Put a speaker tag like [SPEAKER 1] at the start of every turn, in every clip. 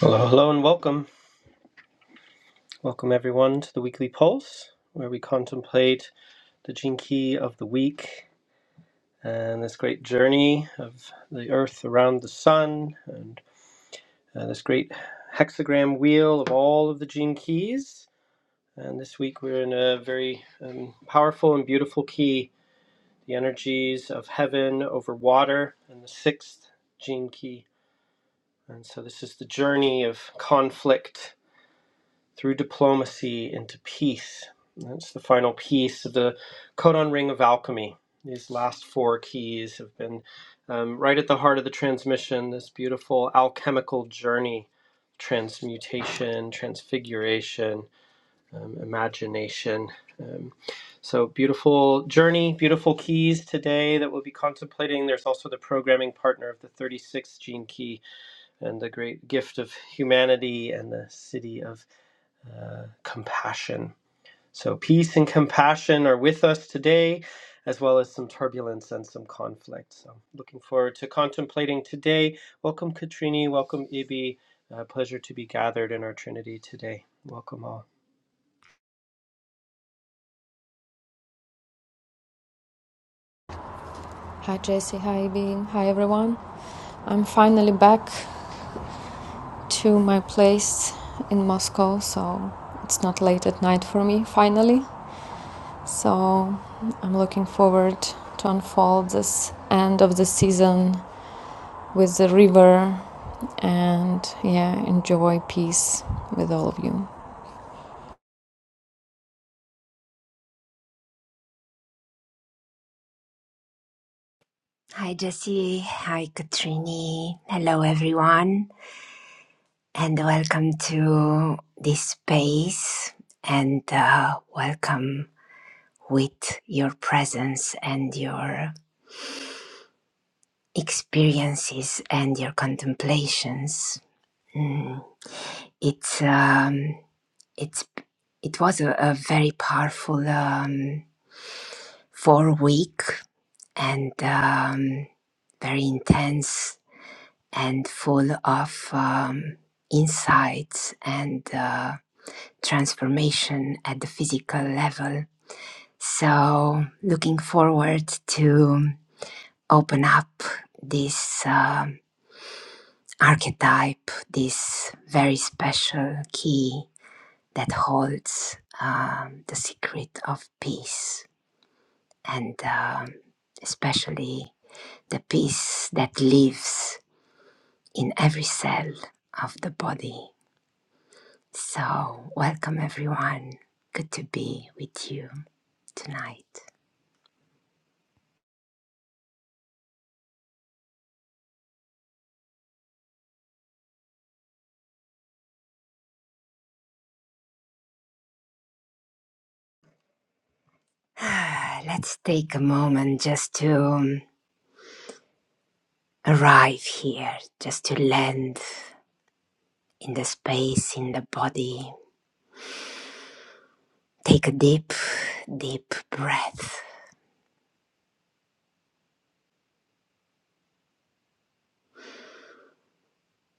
[SPEAKER 1] Hello, hello, and welcome. Welcome, everyone, to the weekly pulse where we contemplate the gene key of the week and this great journey of the earth around the sun and uh, this great hexagram wheel of all of the gene keys. And this week we're in a very um, powerful and beautiful key the energies of heaven over water and the sixth gene key. And so this is the journey of conflict through diplomacy into peace. That's the final piece of the codon ring of alchemy. These last four keys have been um, right at the heart of the transmission, this beautiful alchemical journey transmutation, transfiguration, um, imagination. Um, so, beautiful journey, beautiful keys today that we'll be contemplating. There's also the programming partner of the 36th gene key and the great gift of humanity and the city of uh, compassion. So, peace and compassion are with us today, as well as some turbulence and some conflict. So, looking forward to contemplating today. Welcome, Katrini. Welcome, Ibi. Uh, pleasure to be gathered in our Trinity today. Welcome all.
[SPEAKER 2] Hi Jesse, hi Bean, hi everyone. I'm finally back to my place in Moscow, so it's not late at night for me finally. So I'm looking forward to unfold this end of the season with the river and yeah, enjoy peace with all of you.
[SPEAKER 3] Hi, Jesse. Hi, Katrini. Hello, everyone, and welcome to this space. And uh, welcome with your presence and your experiences and your contemplations. Mm, It's um, it's it was a, a very powerful um, four week and um, very intense and full of um, insights and uh, transformation at the physical level. So, looking forward to open up this um archetype, this very special key that holds um, the secret of peace, and um, especially the peace that lives in every cell of the body So, welcome everyone. Good to be with you tonight. Let's take a moment just to um, arrive here, just to land in the space, in the body. Take a deep, deep breath.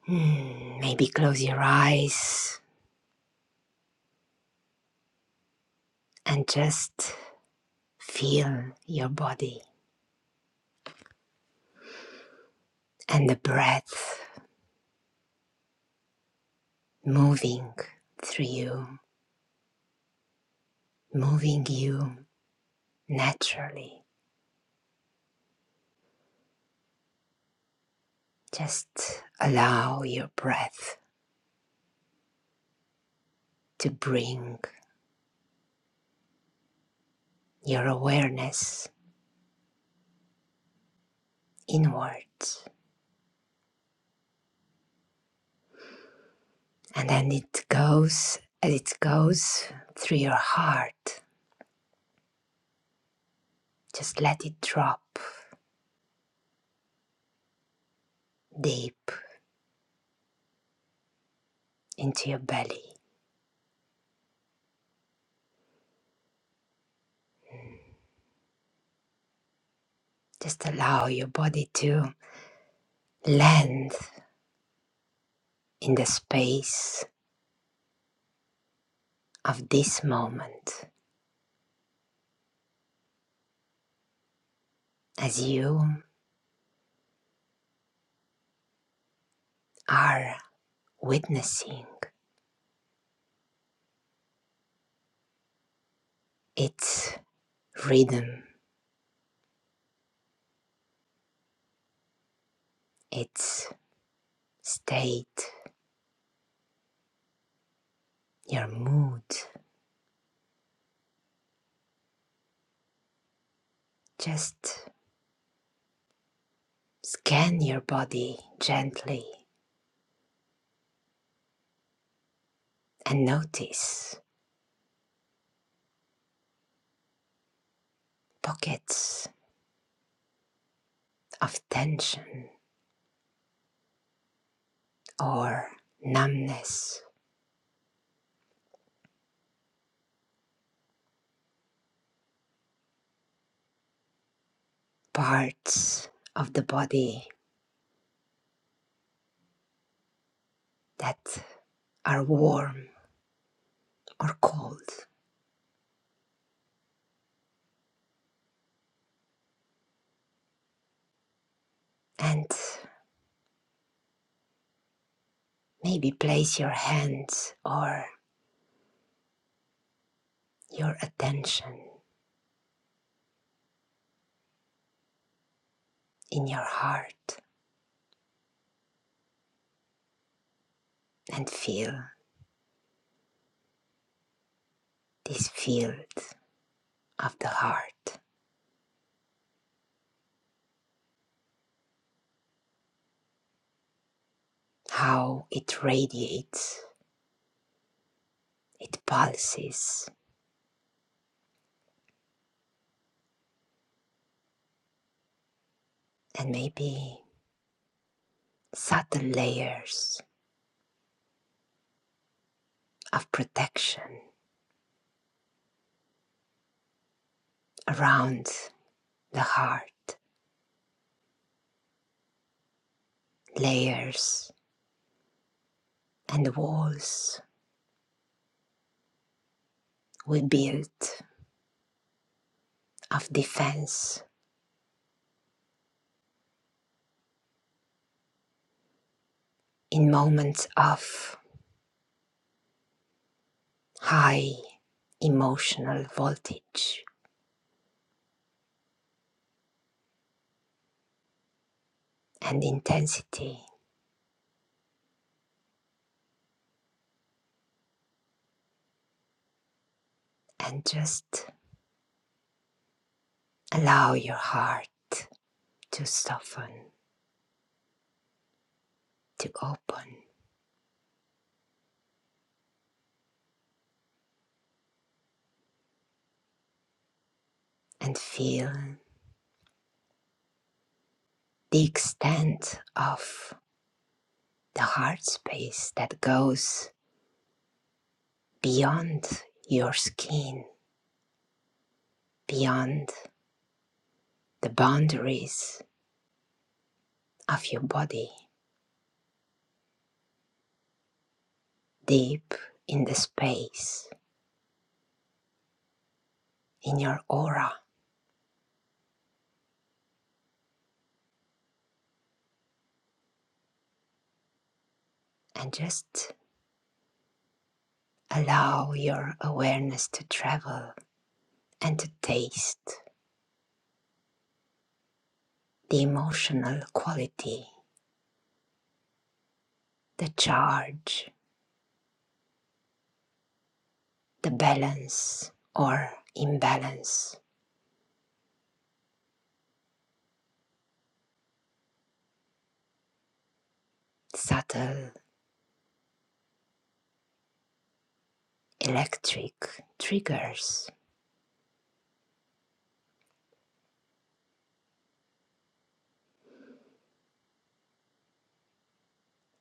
[SPEAKER 3] Hmm, Maybe close your eyes and just feel your body and the breath moving through you, moving you naturally Just allow your breath to bring your awareness inwards. And then it goes, as it goes through your heart, just let it drop deep into your belly. Just allow your body to land in the space of this moment as you are witnessing its rhythm, its state, your mood Just scan your body gently and notice pockets of tension or numbness, parts of the body that are warm or cold, and maybe place your hands or your attention in your heart and feel this field of the heart, how it radiates, it pulses, and maybe subtle layers of protection around the heart, layers and walls we build of defense in moments of high emotional voltage and intensity, and just allow your heart to soften, to open, and feel the extent of the heart space that goes beyond your skin, beyond the boundaries of your body, deep in the space, in your aura, and just allow your awareness to travel and to taste the emotional quality, the charge, the balance or imbalance, subtle electric triggers,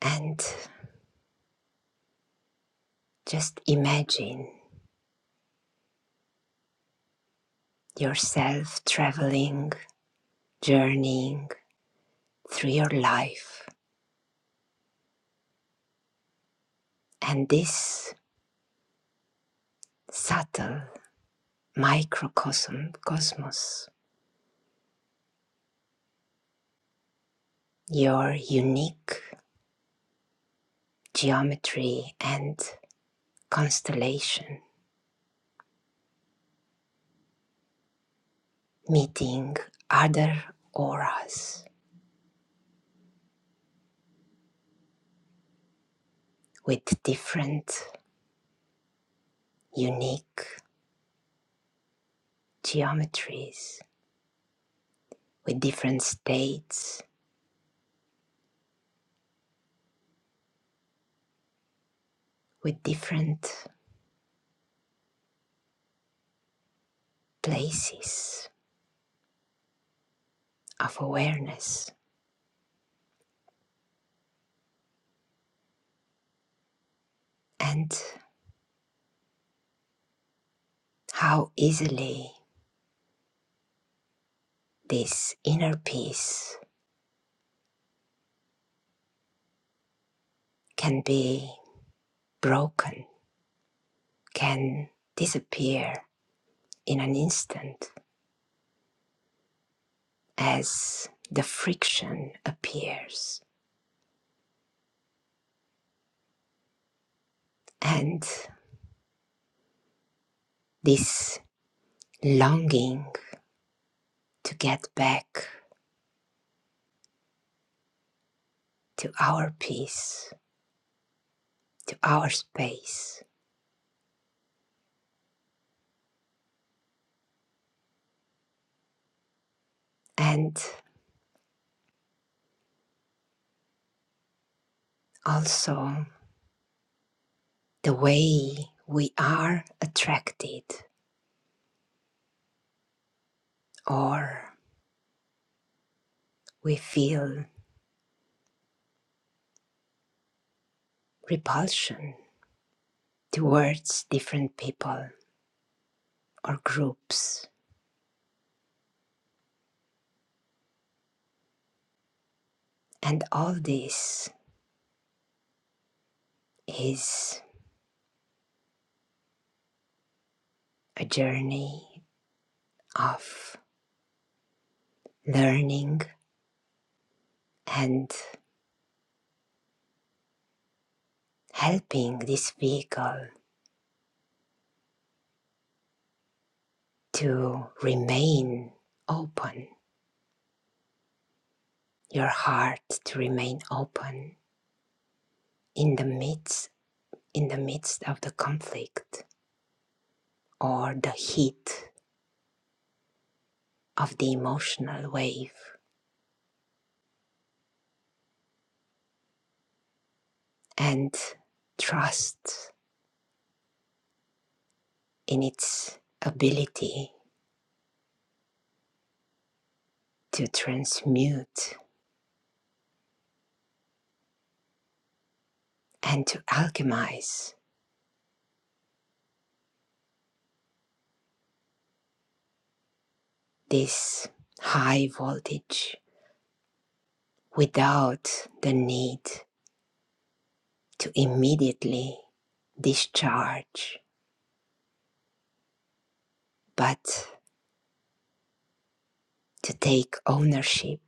[SPEAKER 3] and just imagine yourself traveling journeying through your life and this subtle microcosm cosmos your unique geometry and constellation meeting other auras with different unique geometries with different states with different places of awareness and how easily this inner peace can be broken, can disappear in an instant as the friction appears. And this longing to get back to our peace, to our space, and also the way we are attracted or we feel repulsion towards different people or groups. And all this is a journey of learning and helping this vehicle to remain open, your heart to remain open in the midst in the midst of the conflict or the heat of the emotional wave and trust in its ability to transmute and to alchemize this high voltage without the need to immediately discharge, but to take ownership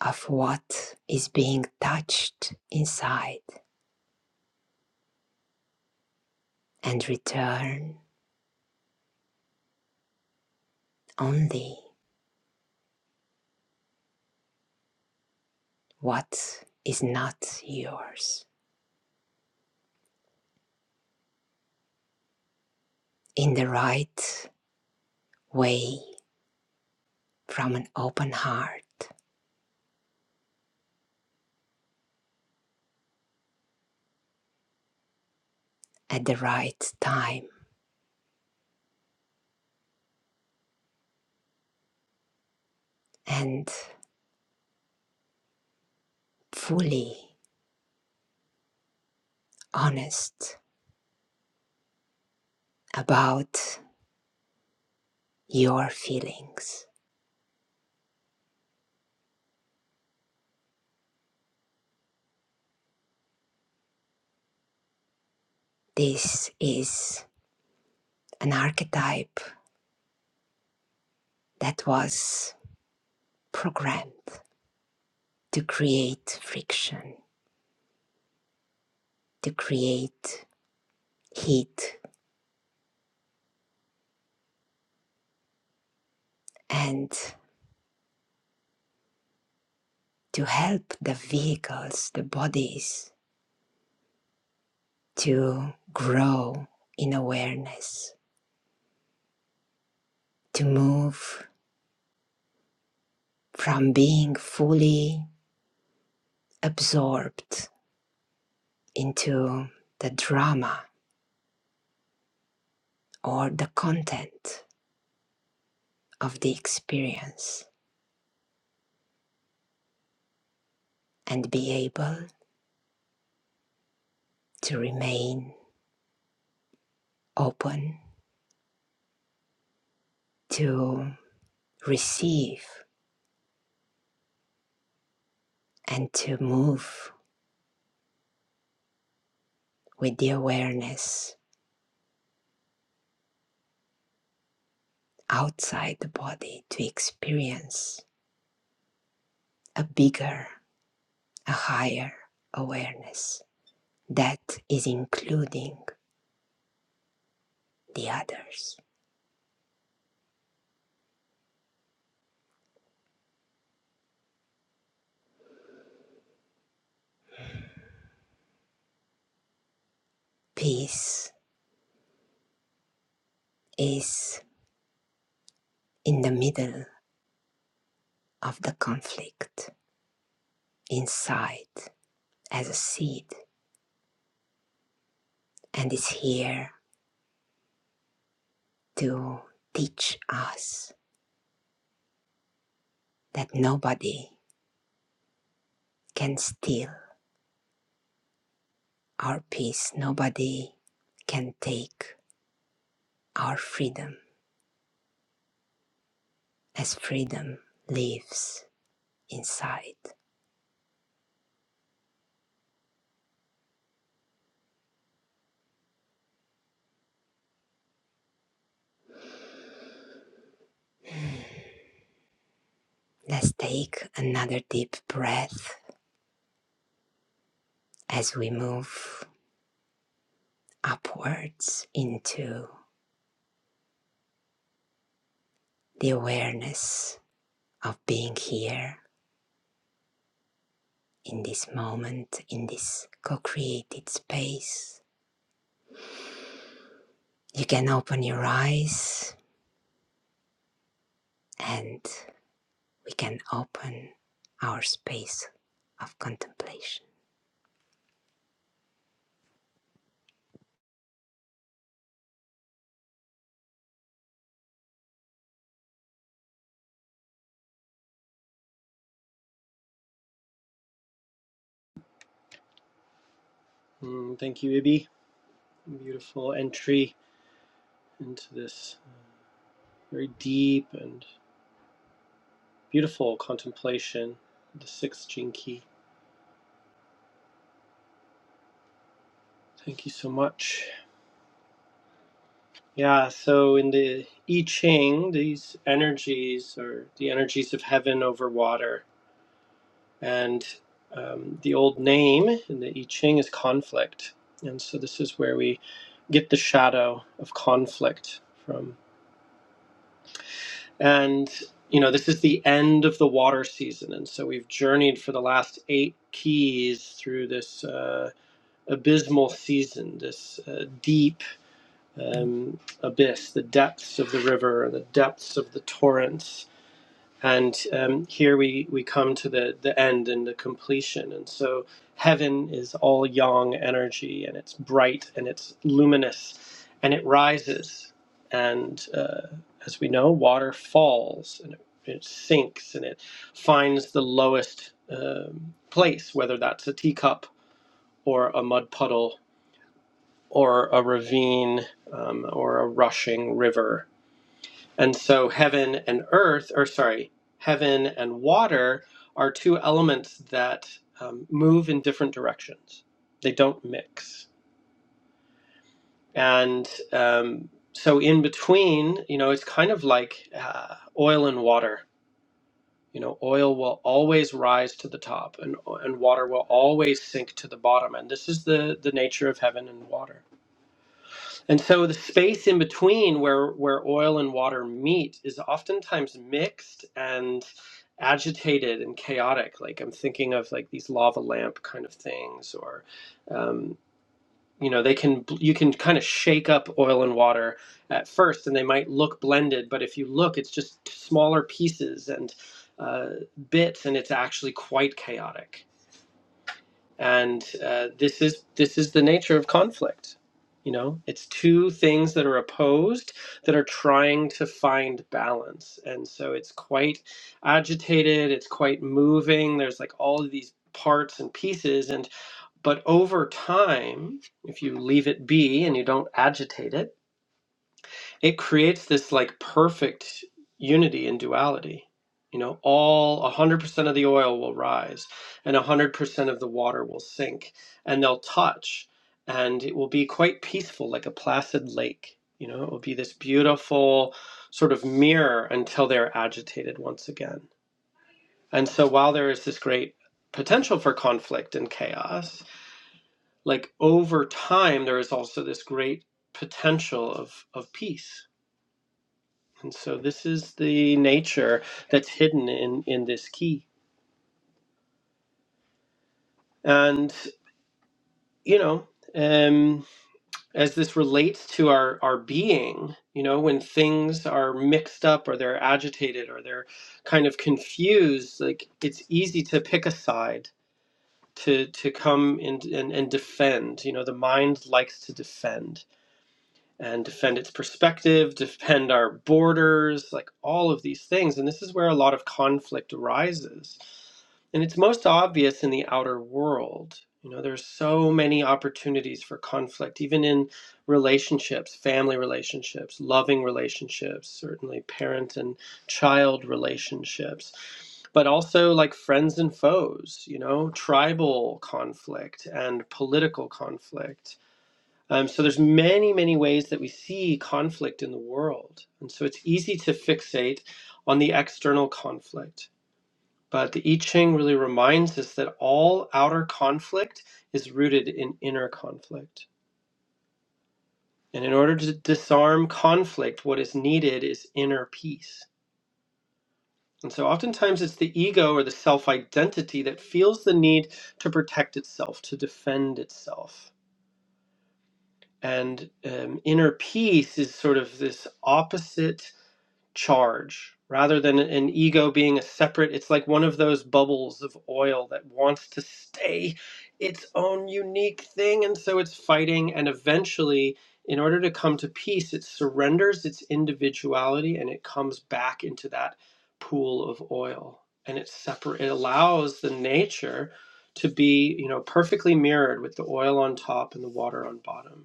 [SPEAKER 3] of what is being touched inside and return only what is not yours in the right way from an open heart at the right time and fully honest about your feelings This is an archetype that was programmed to create friction, to create heat, and to help the vehicles, the bodies, to grow in awareness, to move from being fully absorbed into the drama or the content of the experience and be able to remain open to receive and to move with the awareness outside the body to experience a bigger, a higher awareness that is including the others. Peace is in the middle of the conflict, inside as a seed, and is here to teach us that nobody can steal our peace. Nobody can take our freedom as freedom lives inside. Let's take another deep breath as we move upwards into the awareness of being here in this moment, in this co created space. You can open your eyes and we can open our space of contemplation.
[SPEAKER 1] Mm, thank you, Ibi. Beautiful entry into this very deep and beautiful contemplation, the sixth gene key. Thank you so much. Yeah, so in the I Ching, these energies are the energies of heaven over water. And um, the old name in the I Ching is conflict. And so this is where we get the shadow of conflict from. And, you know, this is the end of the water season. And so we've journeyed for the last eight keys through this uh, abysmal season, this uh, deep um, abyss, the depths of the river, the depths of the torrents. And um, here we, we come to the, the end and the completion. And so heaven is all yang energy, and it's bright and it's luminous, and it rises. And uh, as we know, water falls and it, it sinks and it finds the lowest um place, whether that's a teacup or a mud puddle or a ravine um, or a rushing river. And so heaven and earth, or sorry, heaven and water are two elements that um, move in different directions. They don't mix. And um, so in between, you know, it's kind of like uh, oil and water. You know, oil will always rise to the top and, and water will always sink to the bottom. And this is the, the nature of heaven and water. And so the space in between where where oil and water meet is oftentimes mixed and agitated and chaotic. Like I'm thinking of like these lava lamp kind of things, or um, you know, they can you can kind of shake up oil and water at first, and they might look blended, but if you look, it's just smaller pieces and uh, bits, and it's actually quite chaotic and uh, this is this is the nature of conflict you know it's two things that are opposed that are trying to find balance and so it's quite agitated it's quite moving there's like all of these parts and pieces and but over time if you leave it be and you don't agitate it it creates this like perfect unity and duality. You know, all 100% of the oil will rise and 100% of the water will sink and they'll touch and it will be quite peaceful, like a placid lake. You know, it will be this beautiful sort of mirror until they're agitated once again. And so while there is this great potential for conflict and chaos, like over time, there is also this great potential of, of peace and so this is the nature that's hidden in in this key. And you know, um as this relates to our our being, you know, when things are mixed up or they're agitated or they're kind of confused, like it's easy to pick a side to to come in and, and defend. You know, the mind likes to defend and defend its perspective, defend our borders, like all of these things. And this is where a lot of conflict arises. And it's most obvious in the outer world. You know, there's so many opportunities for conflict, even in relationships, family relationships, loving relationships, certainly parent and child relationships, but also like friends and foes, you know, tribal conflict and political conflict um, so there's many, many ways that we see conflict in the world, and so it's easy to fixate on the external conflict. But the I Ching really reminds us that all outer conflict is rooted in inner conflict. And in order to disarm conflict, what is needed is inner peace. And so oftentimes it's the ego or the self identity that feels the need to protect itself, to defend itself. And um, inner peace is sort of this opposite charge rather than an ego being a separate it's like one of those bubbles of oil that wants to stay its own unique thing and so it's fighting and eventually in order to come to peace it surrenders its individuality and it comes back into that pool of oil and it separate it allows the nature to be you know perfectly mirrored with the oil on top and the water on bottom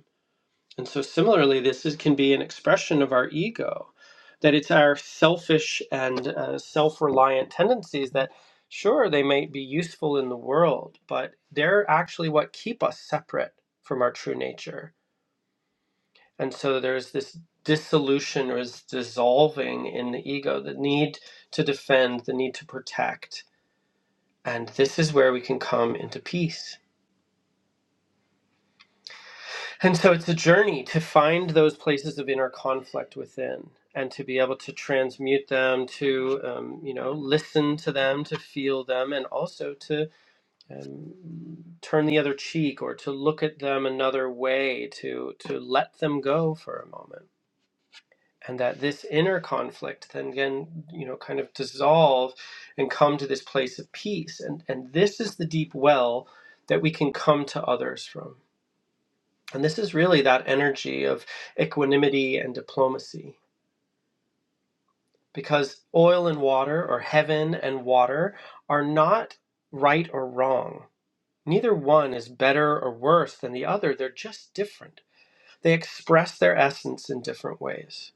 [SPEAKER 1] and so, similarly, this is, can be an expression of our ego, that it's our selfish and uh, self reliant tendencies that, sure, they might be useful in the world, but they're actually what keep us separate from our true nature. And so, there's this dissolution or this dissolving in the ego, the need to defend, the need to protect. And this is where we can come into peace And so it's a journey to find those places of inner conflict within and to be able to transmute them, to, um, you know, listen to them, to feel them, and also to um, turn the other cheek or to look at them another way, to, to let them go for a moment. And that this inner conflict then can, you know, kind of dissolve and come to this place of peace. And, and this is the deep well that we can come to others from and this is really that energy of equanimity and diplomacy, because oil and water, or heaven and water, are not right or wrong. Neither one is better or worse than the other, they're just different. They express their essence in different ways.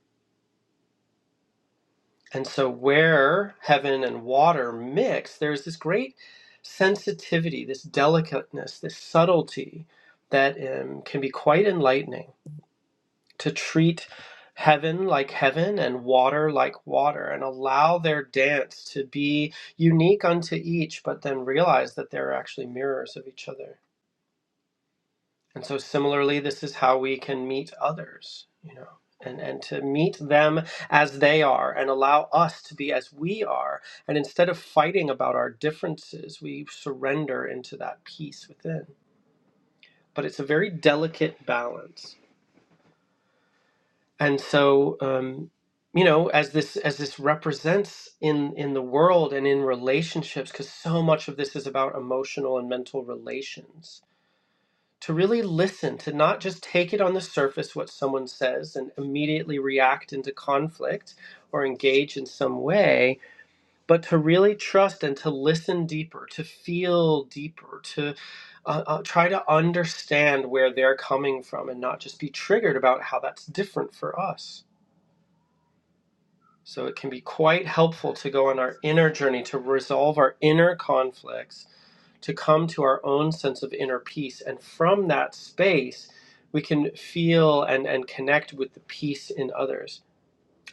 [SPEAKER 1] And so, where heaven and water mix, there's this great sensitivity, this delicateness, this subtlety that um, can be quite enlightening. to treat heaven like heaven and water like water and allow their dance to be unique unto each, but then realize that they're actually mirrors of each other. And so, similarly, this is how we can meet others, you know. And, and to meet them as they are and allow us to be as we are. And instead of fighting about our differences, we surrender into that peace within. But it's a very delicate balance. and so um, you know as this as this represents in in the world and in relationships because so much of this is about emotional and mental relations to really listen to not just take it on the surface what someone says and immediately react into conflict or engage in some way but to really trust and to listen deeper to feel deeper to uh, uh, try to understand where they're coming from and not just be triggered about how that's different for us So it can be quite helpful to go on our inner journey to resolve our inner conflicts, to come to our own sense of inner peace. And from that space, we can feel and, and connect with the peace in others.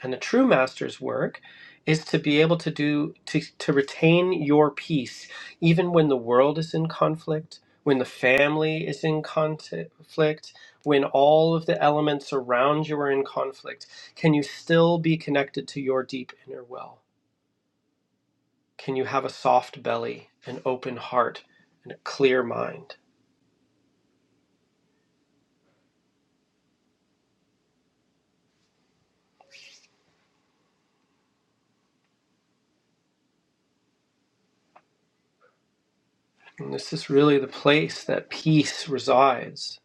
[SPEAKER 1] And a true master's work is to be able to do to, to retain your peace even when the world is in conflict, when the family is in conflict, when all of the elements around you are in conflict. Can you still be connected to your deep inner well? Can you have a soft belly, an open heart, and a clear mind? And this is really the place that peace resides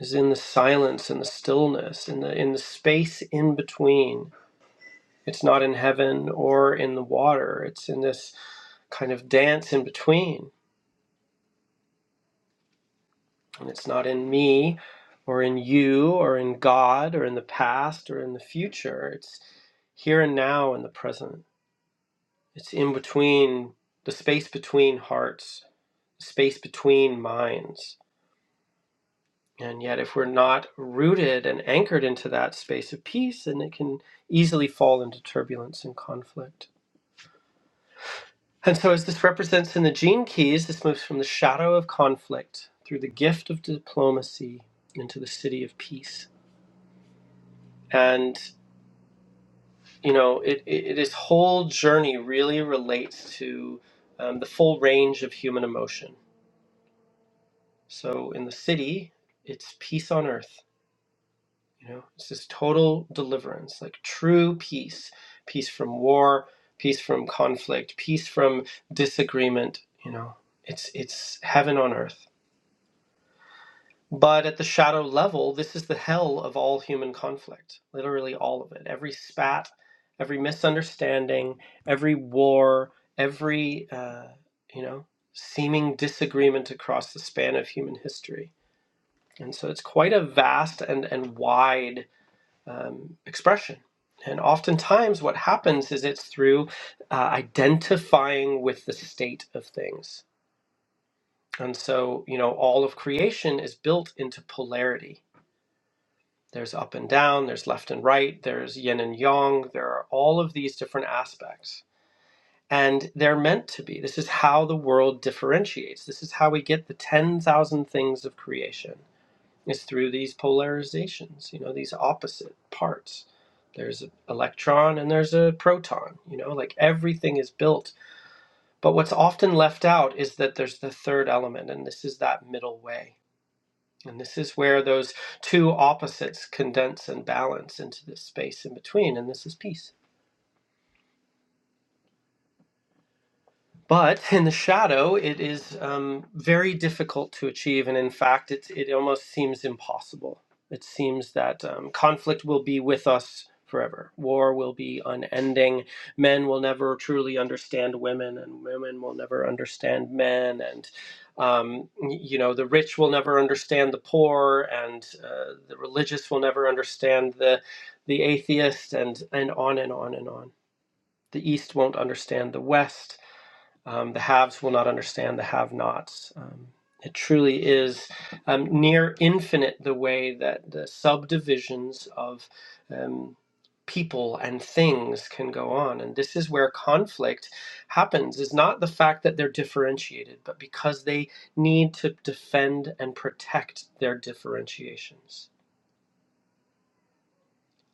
[SPEAKER 1] is in the silence and the stillness in the in the space in between It's not in heaven or in the water. It's in this kind of dance in between. And it's not in me or in you or in God or in the past or in the future. It's here and now in the present. It's in between the space between hearts, the space between minds. And yet, if we're not rooted and anchored into that space of peace, then it can easily fall into turbulence and conflict. And so, as this represents in the gene keys, this moves from the shadow of conflict through the gift of diplomacy into the city of peace. And, you know, it, it, this whole journey really relates to um, the full range of human emotion. So, in the city, it's peace on earth. You know, it's this total deliverance, like true peace peace from war, peace from conflict, peace from disagreement. You know, it's, it's heaven on earth But at the shadow level, this is the hell of all human conflict, literally all of it. Every spat, every misunderstanding, every war, every, uh, you know, seeming disagreement across the span of human history. And so it's quite a vast and, and wide um, expression. And oftentimes, what happens is it's through uh, identifying with the state of things. And so, you know, all of creation is built into polarity There's up and down, there's left and right, there's yin and yang, there are all of these different aspects. And they're meant to be. This is how the world differentiates. This is how we get the 10,000 things of creation. It's through these polarizations, you know, these opposite parts. There's an electron and there's a proton, you know, like everything is built. But what's often left out is that there's the third element, and this is that middle way and this is where those two opposites condense and balance into this space in between, and this is peace. But in the shadow, it is um, very difficult to achieve, and in fact, it, it almost seems impossible. It seems that um, conflict will be with us forever. War will be unending. Men will never truly understand women, and women will never understand men. And um, y- you know, the rich will never understand the poor, and uh, the religious will never understand the the atheist, and and on and on and on. The East won't understand the West um, the haves will not understand the have nots. Um, it truly is um, near infinite the way that the subdivisions of um, people and things can go on. And this is where conflict happens, is not the fact that they're differentiated, but because they need to defend and protect their differentiations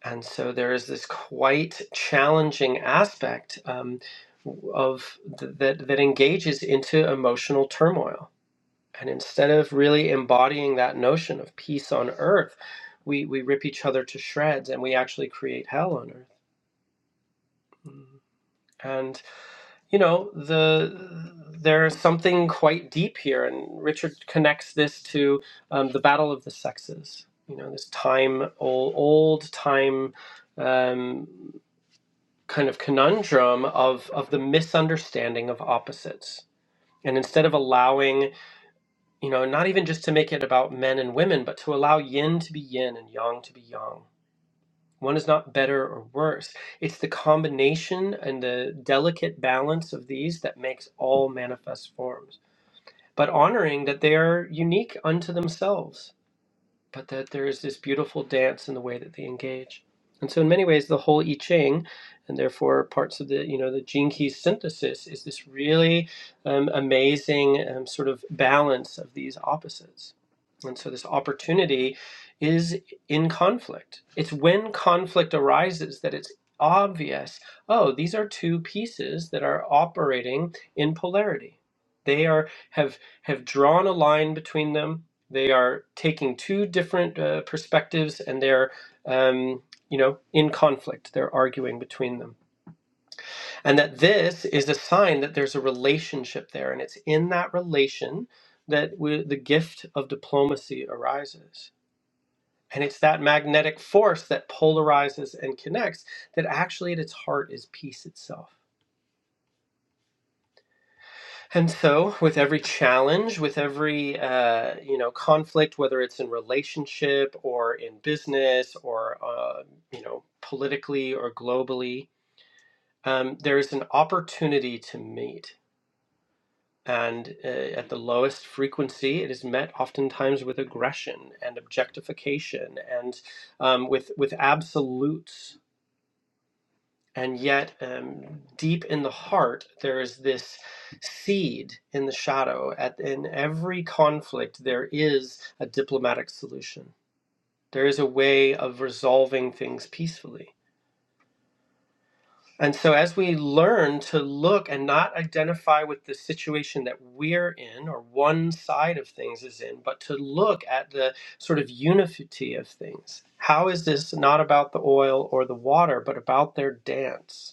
[SPEAKER 1] and so there is this quite challenging aspect um, of th- that that engages into emotional turmoil and instead of really embodying that notion of peace on earth we we rip each other to shreds and we actually create hell on earth Mm. and you know the there's something quite deep here and richard connects this to um, the battle of the sexes you know this time old old time um, kind of conundrum of of the misunderstanding of opposites and instead of allowing you know not even just to make it about men and women but to allow yin to be yin and yang to be yang one is not better or worse it's the combination and the delicate balance of these that makes all manifest forms but honoring that they are unique unto themselves but that there is this beautiful dance in the way that they engage. And so, in many ways, the whole I Ching, and therefore parts of the you know the gene key synthesis, is this really um, amazing um, sort of balance of these opposites. And so, this opportunity is in conflict. It's when conflict arises that it's obvious. Oh, these are two pieces that are operating in polarity. They are have have drawn a line between them they are taking two different uh, perspectives, and they're um, you know in conflict. They're arguing between them, and that this is a sign that there's a relationship there, and it's in that relation that we, the gift of diplomacy arises. And it's that magnetic force that polarizes and connects that actually at its heart is peace itself. And so, with every challenge, with every uh, you know conflict, whether it's in relationship or in business or uh, you know politically or globally, um, there is an opportunity to meet. And uh, at the lowest frequency, it is met oftentimes with aggression and objectification and um, with with absolutes and yet um, deep in the heart there is this seed in the shadow at in every conflict there is a diplomatic solution there is a way of resolving things peacefully and so as we learn to look and not identify with the situation that we're in or one side of things is in but to look at the sort of unity of things how is this not about the oil or the water but about their dance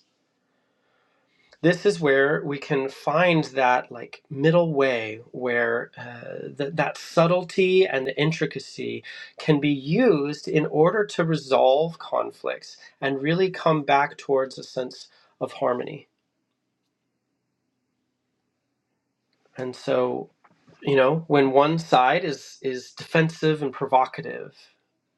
[SPEAKER 1] this is where we can find that like middle way where uh, th- that subtlety and the intricacy can be used in order to resolve conflicts and really come back towards a sense of harmony and so you know when one side is is defensive and provocative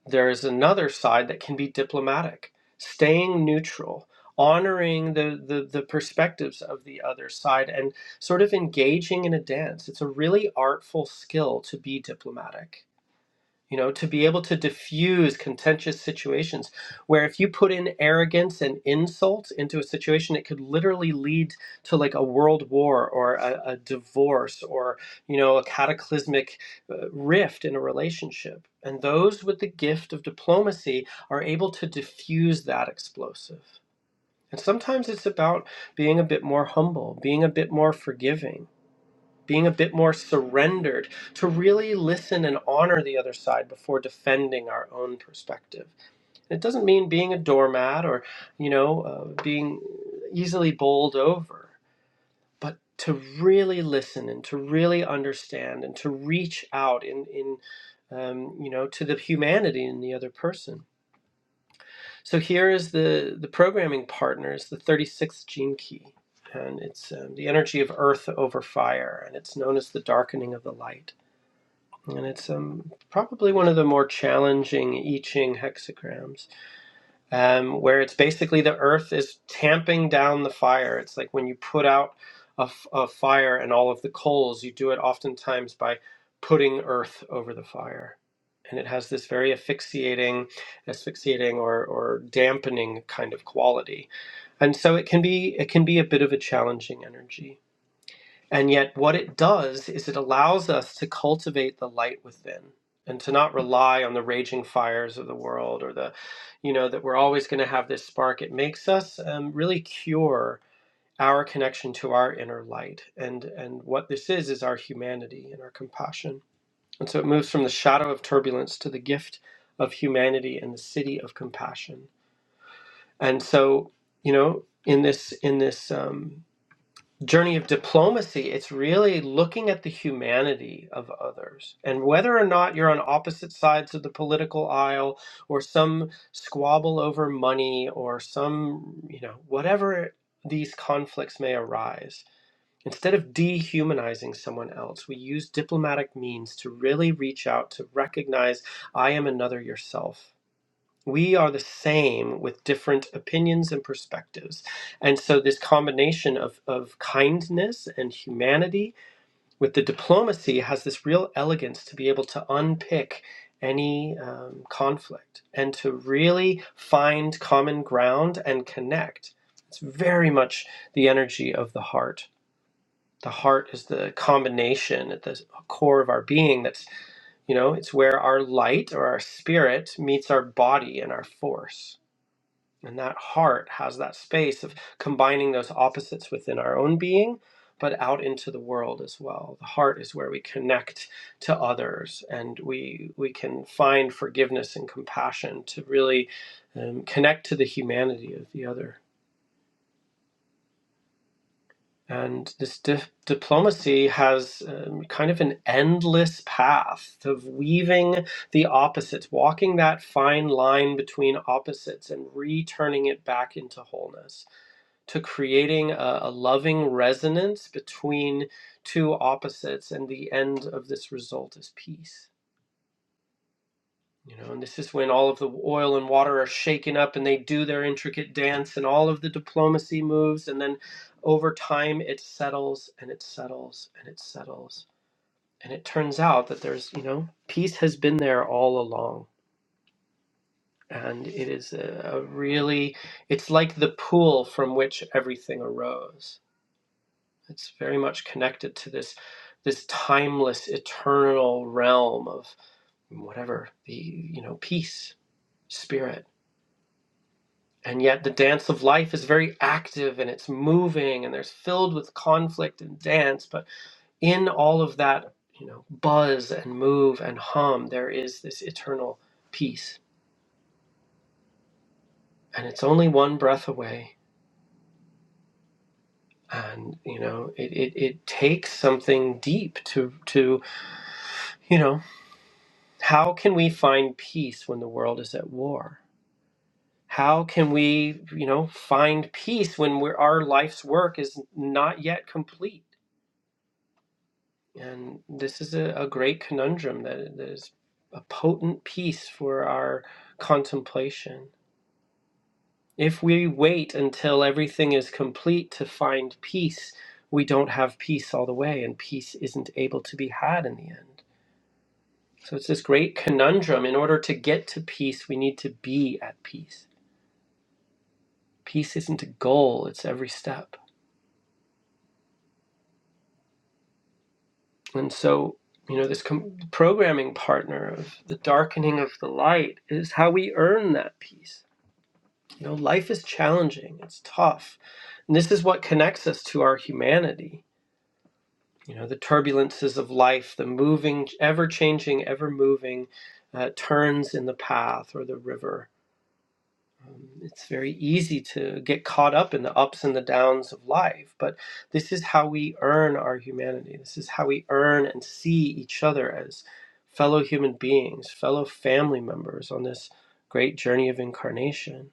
[SPEAKER 1] there is another side that can be diplomatic staying neutral honoring the, the the perspectives of the other side and sort of engaging in a dance it's a really artful skill to be diplomatic you know, to be able to diffuse contentious situations where if you put in arrogance and insult into a situation, it could literally lead to like a world war or a, a divorce or, you know, a cataclysmic uh, rift in a relationship. And those with the gift of diplomacy are able to diffuse that explosive. And sometimes it's about being a bit more humble, being a bit more forgiving being a bit more surrendered to really listen and honor the other side before defending our own perspective. And it doesn't mean being a doormat or, you know, uh, being easily bowled over, but to really listen and to really understand and to reach out in in um, you know, to the humanity in the other person. So here is the the programming partner is the 36th gene key, and it's um, the energy of earth over fire, and it's known as the darkening of the light and it's um, probably one of the more challenging I Ching hexagrams, um, where it's basically the earth is tamping down the fire. It's like when you put out a a fire and all of the coals, you do it oftentimes by putting earth over the fire. And it has this very asphyxiating, asphyxiating or, or dampening kind of quality, and so it can be it can be a bit of a challenging energy. And yet, what it does is it allows us to cultivate the light within and to not rely on the raging fires of the world or the, you know, that we're always going to have this spark. It makes us um, really cure our connection to our inner light. And, and what this is, is our humanity and our compassion. And so it moves from the shadow of turbulence to the gift of humanity and the city of compassion. And so, you know, in this, in this, um, journey of diplomacy, it's really looking at the humanity of others. And whether or not you're on opposite sides of the political aisle or some squabble over money or some, you know, whatever these conflicts may arise, instead of dehumanizing someone else, we use diplomatic means to really reach out to recognize I am another yourself we are the same with different opinions and perspectives. And so, this combination of, of kindness and humanity with the diplomacy has this real elegance to be able to unpick any um, conflict and to really find common ground and connect. It's very much the energy of the heart. The heart is the combination at the core of our being that's, you know, it's where our light or our spirit meets our body and our force and that heart has that space of combining those opposites within our own being, but out into the world as well. The heart is where we connect to others and we, we can find forgiveness and compassion to really um, connect to the humanity of the other. And this di- diplomacy has um, kind of an endless path of weaving the opposites, walking that fine line between opposites and returning it back into wholeness to creating a, a loving resonance between two opposites and the end of this result is peace you know and this is when all of the oil and water are shaken up and they do their intricate dance and all of the diplomacy moves and then over time it settles and it settles and it settles and it turns out that there's you know peace has been there all along and it is a, a really it's like the pool from which everything arose It's very much connected to this this timeless, eternal realm of whatever the you know peace, spirit, and yet the dance of life is very active and it's moving and there's filled with conflict and dance. But in all of that, you know, buzz and move and hum, there is this eternal peace, and it's only one breath away. And you know, it, it, it takes something deep to to you know How can we find peace when the world is at war? How can we, you know, find peace when we're, our life's work is not yet complete? And this is a, a great conundrum that, that is a potent piece for our contemplation. If we wait until everything is complete to find peace, we don't have peace all the way, and peace isn't able to be had in the end. So it's this great conundrum. In order to get to peace, we need to be at peace. peace isn't a goal it's every step and so you know this com- programming partner of the darkening of the light is how we earn that peace you know life is challenging it's tough and this is what connects us to our humanity you know the turbulences of life the moving ever changing ever moving uh, turns in the path or the river it's very easy to get caught up in the ups and the downs of life but this is how we earn our humanity this is how we earn and see each other as fellow human beings fellow family members on this great journey of incarnation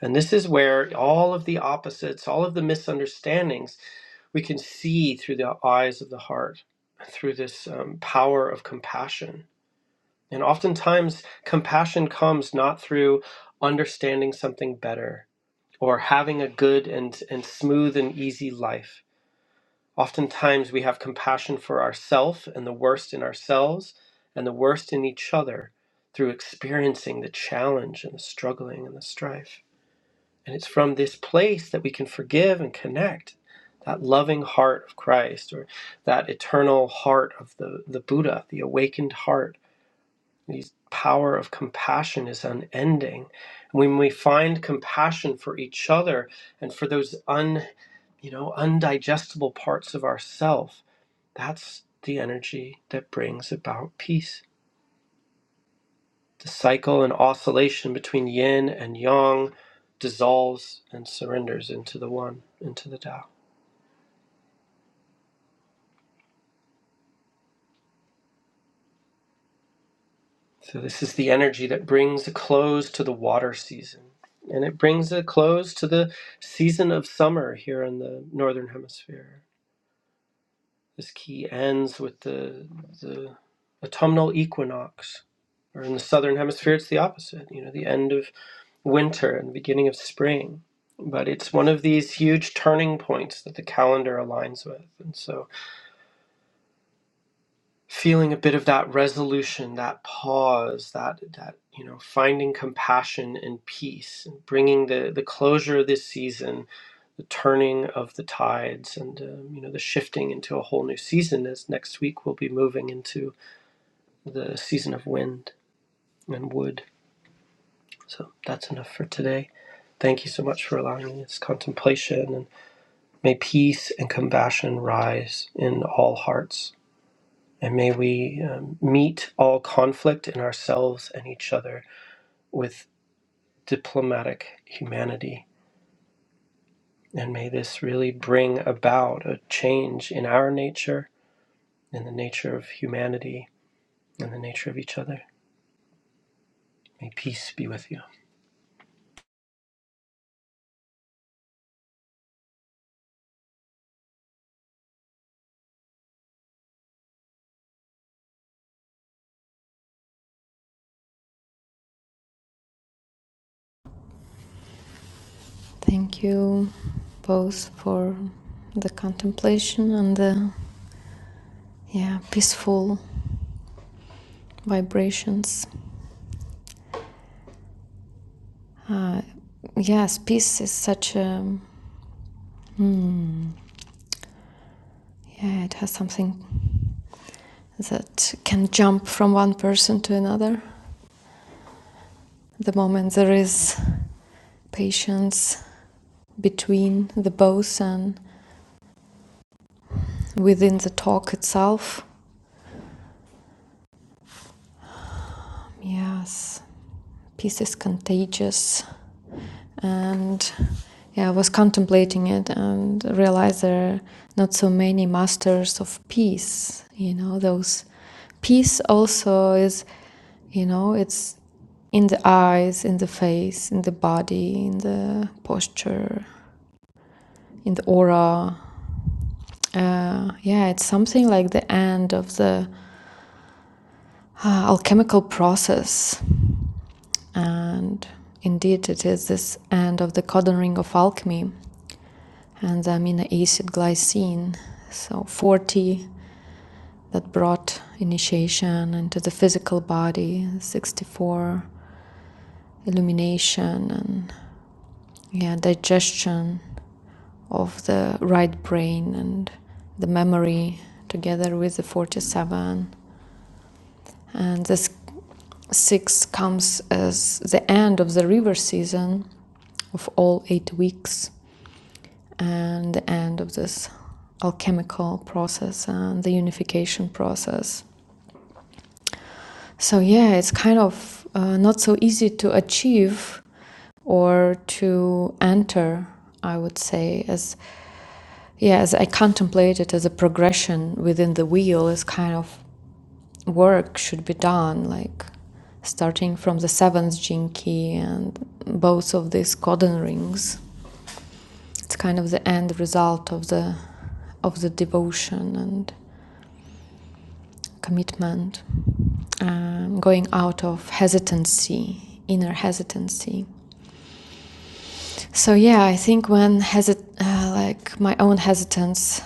[SPEAKER 1] and this is where all of the opposites all of the misunderstandings we can see through the eyes of the heart through this um, power of compassion and oftentimes compassion comes not through understanding something better or having a good and, and smooth and easy life. Oftentimes, we have compassion for ourselves and the worst in ourselves and the worst in each other through experiencing the challenge and the struggling and the strife. And it's from this place that we can forgive and connect that loving heart of Christ or that eternal heart of the, the Buddha, the awakened heart the power of compassion is unending. When we find compassion for each other and for those un, you know, undigestible parts of ourself, that's the energy that brings about peace. The cycle and oscillation between yin and yang dissolves and surrenders into the one, into the Tao. So this is the energy that brings a close to the water season. And it brings a close to the season of summer here in the northern hemisphere This key ends with the the autumnal equinox, or in the southern hemisphere, it's the opposite. You know, the end of winter and the beginning of spring. But it's one of these huge turning points that the calendar aligns with, and so feeling a bit of that resolution, that pause, that that you know, finding compassion and peace, and bringing the the closure of this season, the turning of the tides, and um, you know, the shifting into a whole new season. As next week we'll be moving into the season of wind and wood. So that's enough for today. Thank you so much for allowing this contemplation, and may peace and compassion rise in all hearts. And may we um, meet all conflict in ourselves and each other with diplomatic humanity. And may this really bring about a change in our nature, in the nature of humanity, in the nature of each other. May peace be with you.
[SPEAKER 2] Thank you both for the contemplation and the yeah peaceful vibrations. Uh, yes, peace is such a yeah, it has something that can jump from one person to another. The moment there is patience between the both and within the talk itself. Yes, peace is contagious. And yeah, I was contemplating it and realized there are not so many masters of peace. You know, those peace also is, you know, it's in the eyes, in the face, in the body, in the posture, in the aura. Uh, yeah, it's something like the end of the uh, alchemical process. And indeed, it is this end of the codon ring of alchemy and the amino acid glycine. So, 40 that brought initiation into the physical body, 64 illumination and yeah, digestion of the right brain and the memory together with the 47 and this 6 comes as the end of the river season of all 8 weeks and the end of this alchemical process and the unification process so yeah it's kind of uh, not so easy to achieve or to enter i would say as Yes, I contemplate it as a progression within the wheel, as kind of work should be done, like starting from the seventh gene key and both of these codon rings. It's kind of the end result of the of the devotion and commitment, um, going out of hesitancy, inner hesitancy. So yeah, I think when hesit uh, like my own hesitance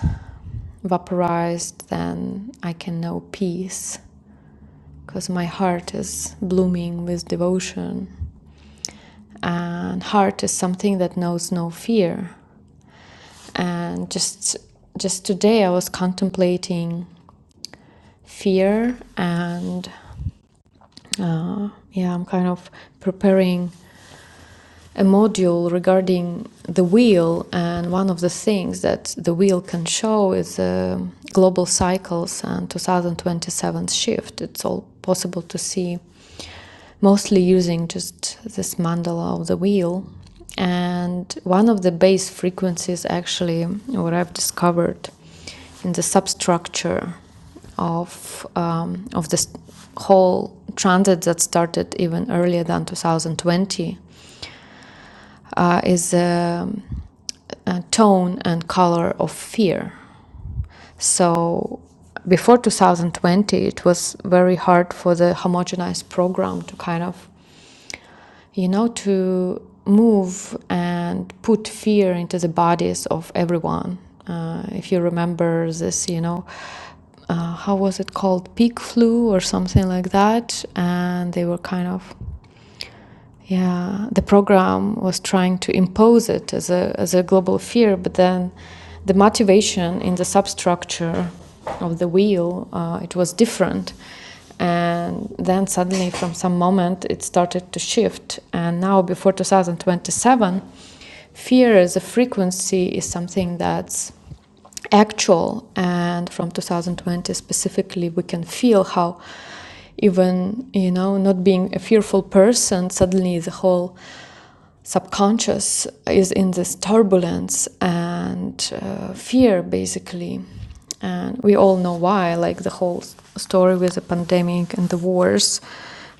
[SPEAKER 2] vaporized, then I can know peace because my heart is blooming with devotion. And heart is something that knows no fear. And just just today, I was contemplating fear, and uh, yeah, I'm kind of preparing a module regarding the wheel, and one of the things that the wheel can show is uh, global cycles and 2027 shift. It's all possible to see mostly using just this mandala of the wheel. And one of the base frequencies, actually, what I've discovered in the substructure of um, of this whole transit that started even earlier than 2020 uh, is um, a tone and color of fear. So before 2020, it was very hard for the homogenized program to kind of, you know, to move and put fear into the bodies of everyone. Uh, if you remember this, you know, uh, how was it called? Pig flu or something like that. And they were kind of yeah, the program was trying to impose it as a, as a global fear, but then the motivation in the substructure of the wheel, uh, it was different. And then suddenly, from some moment, it started to shift. And now, before 2027, fear as a frequency is something that's actual and from 2020 specifically we can feel how even you know not being a fearful person suddenly the whole subconscious is in this turbulence and uh, fear basically and we all know why like the whole story with the pandemic and the wars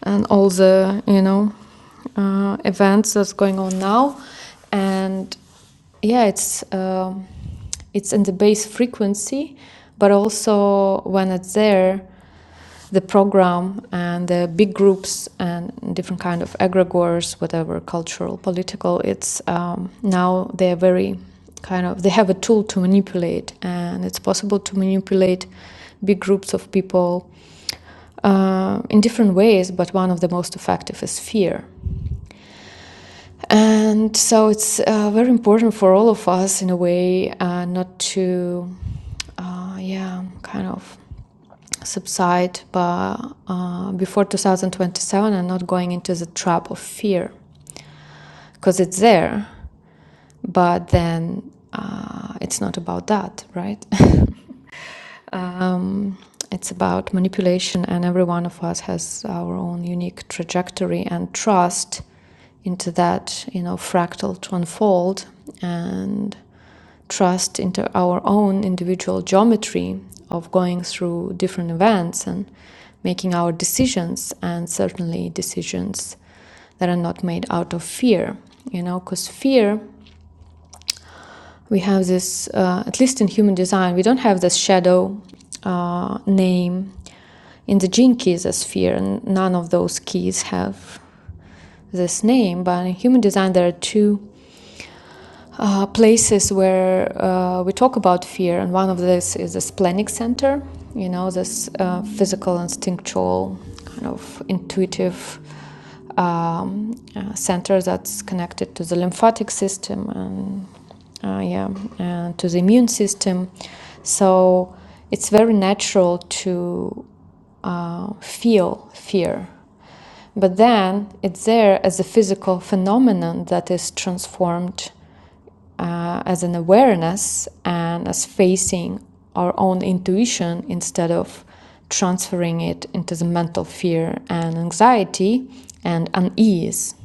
[SPEAKER 2] and all the you know uh, events that's going on now and yeah it's um it's in the base frequency, but also when it's there, the program and the big groups and different kind of egregores, whatever cultural, political, it's um, now they're very kind of they have a tool to manipulate, and it's possible to manipulate big groups of people uh, in different ways. But one of the most effective is fear. And so it's uh, very important for all of us, in a way, uh, not to, uh, yeah, kind of subside but uh, before 2027 and not going into the trap of fear because it's there but then uh, it's not about that right um, it's about manipulation, and every one of us has our own unique trajectory and trust into that, you know, fractal to unfold and trust into our own individual geometry of going through different events and making our decisions, and certainly decisions that are not made out of fear, you know, because fear we have this, uh, at least in human design, we don't have this shadow uh, name. In the gene keys, a sphere, and none of those keys have this name. But in human design, there are two uh, places where uh, we talk about fear, and one of this is the splenic center. You know, this uh, physical, instinctual, kind of intuitive um, uh, center that's connected to the lymphatic system and uh, yeah, and to the immune system. So it's very natural to uh, feel fear, but then it's there as a physical phenomenon that is transformed uh, as an awareness and as facing our own intuition instead of transferring it into the mental fear and anxiety and unease,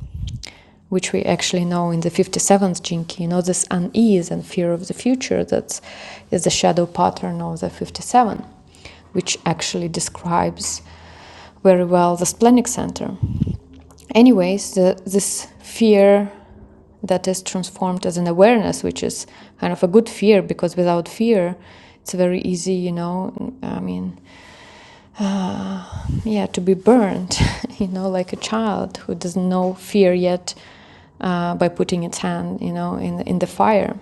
[SPEAKER 2] which we actually know in the 57th jinki. You know, this unease and fear of the future that is the shadow pattern of the 57, which actually describes very well the splenic center anyways, the, this fear that is transformed as an awareness, which is kind of a good fear because without fear, it's very easy, you know. I mean, uh, yeah, to be burned, you know, like a child who doesn't know fear yet uh, by putting its hand, you know, in the, in the fire.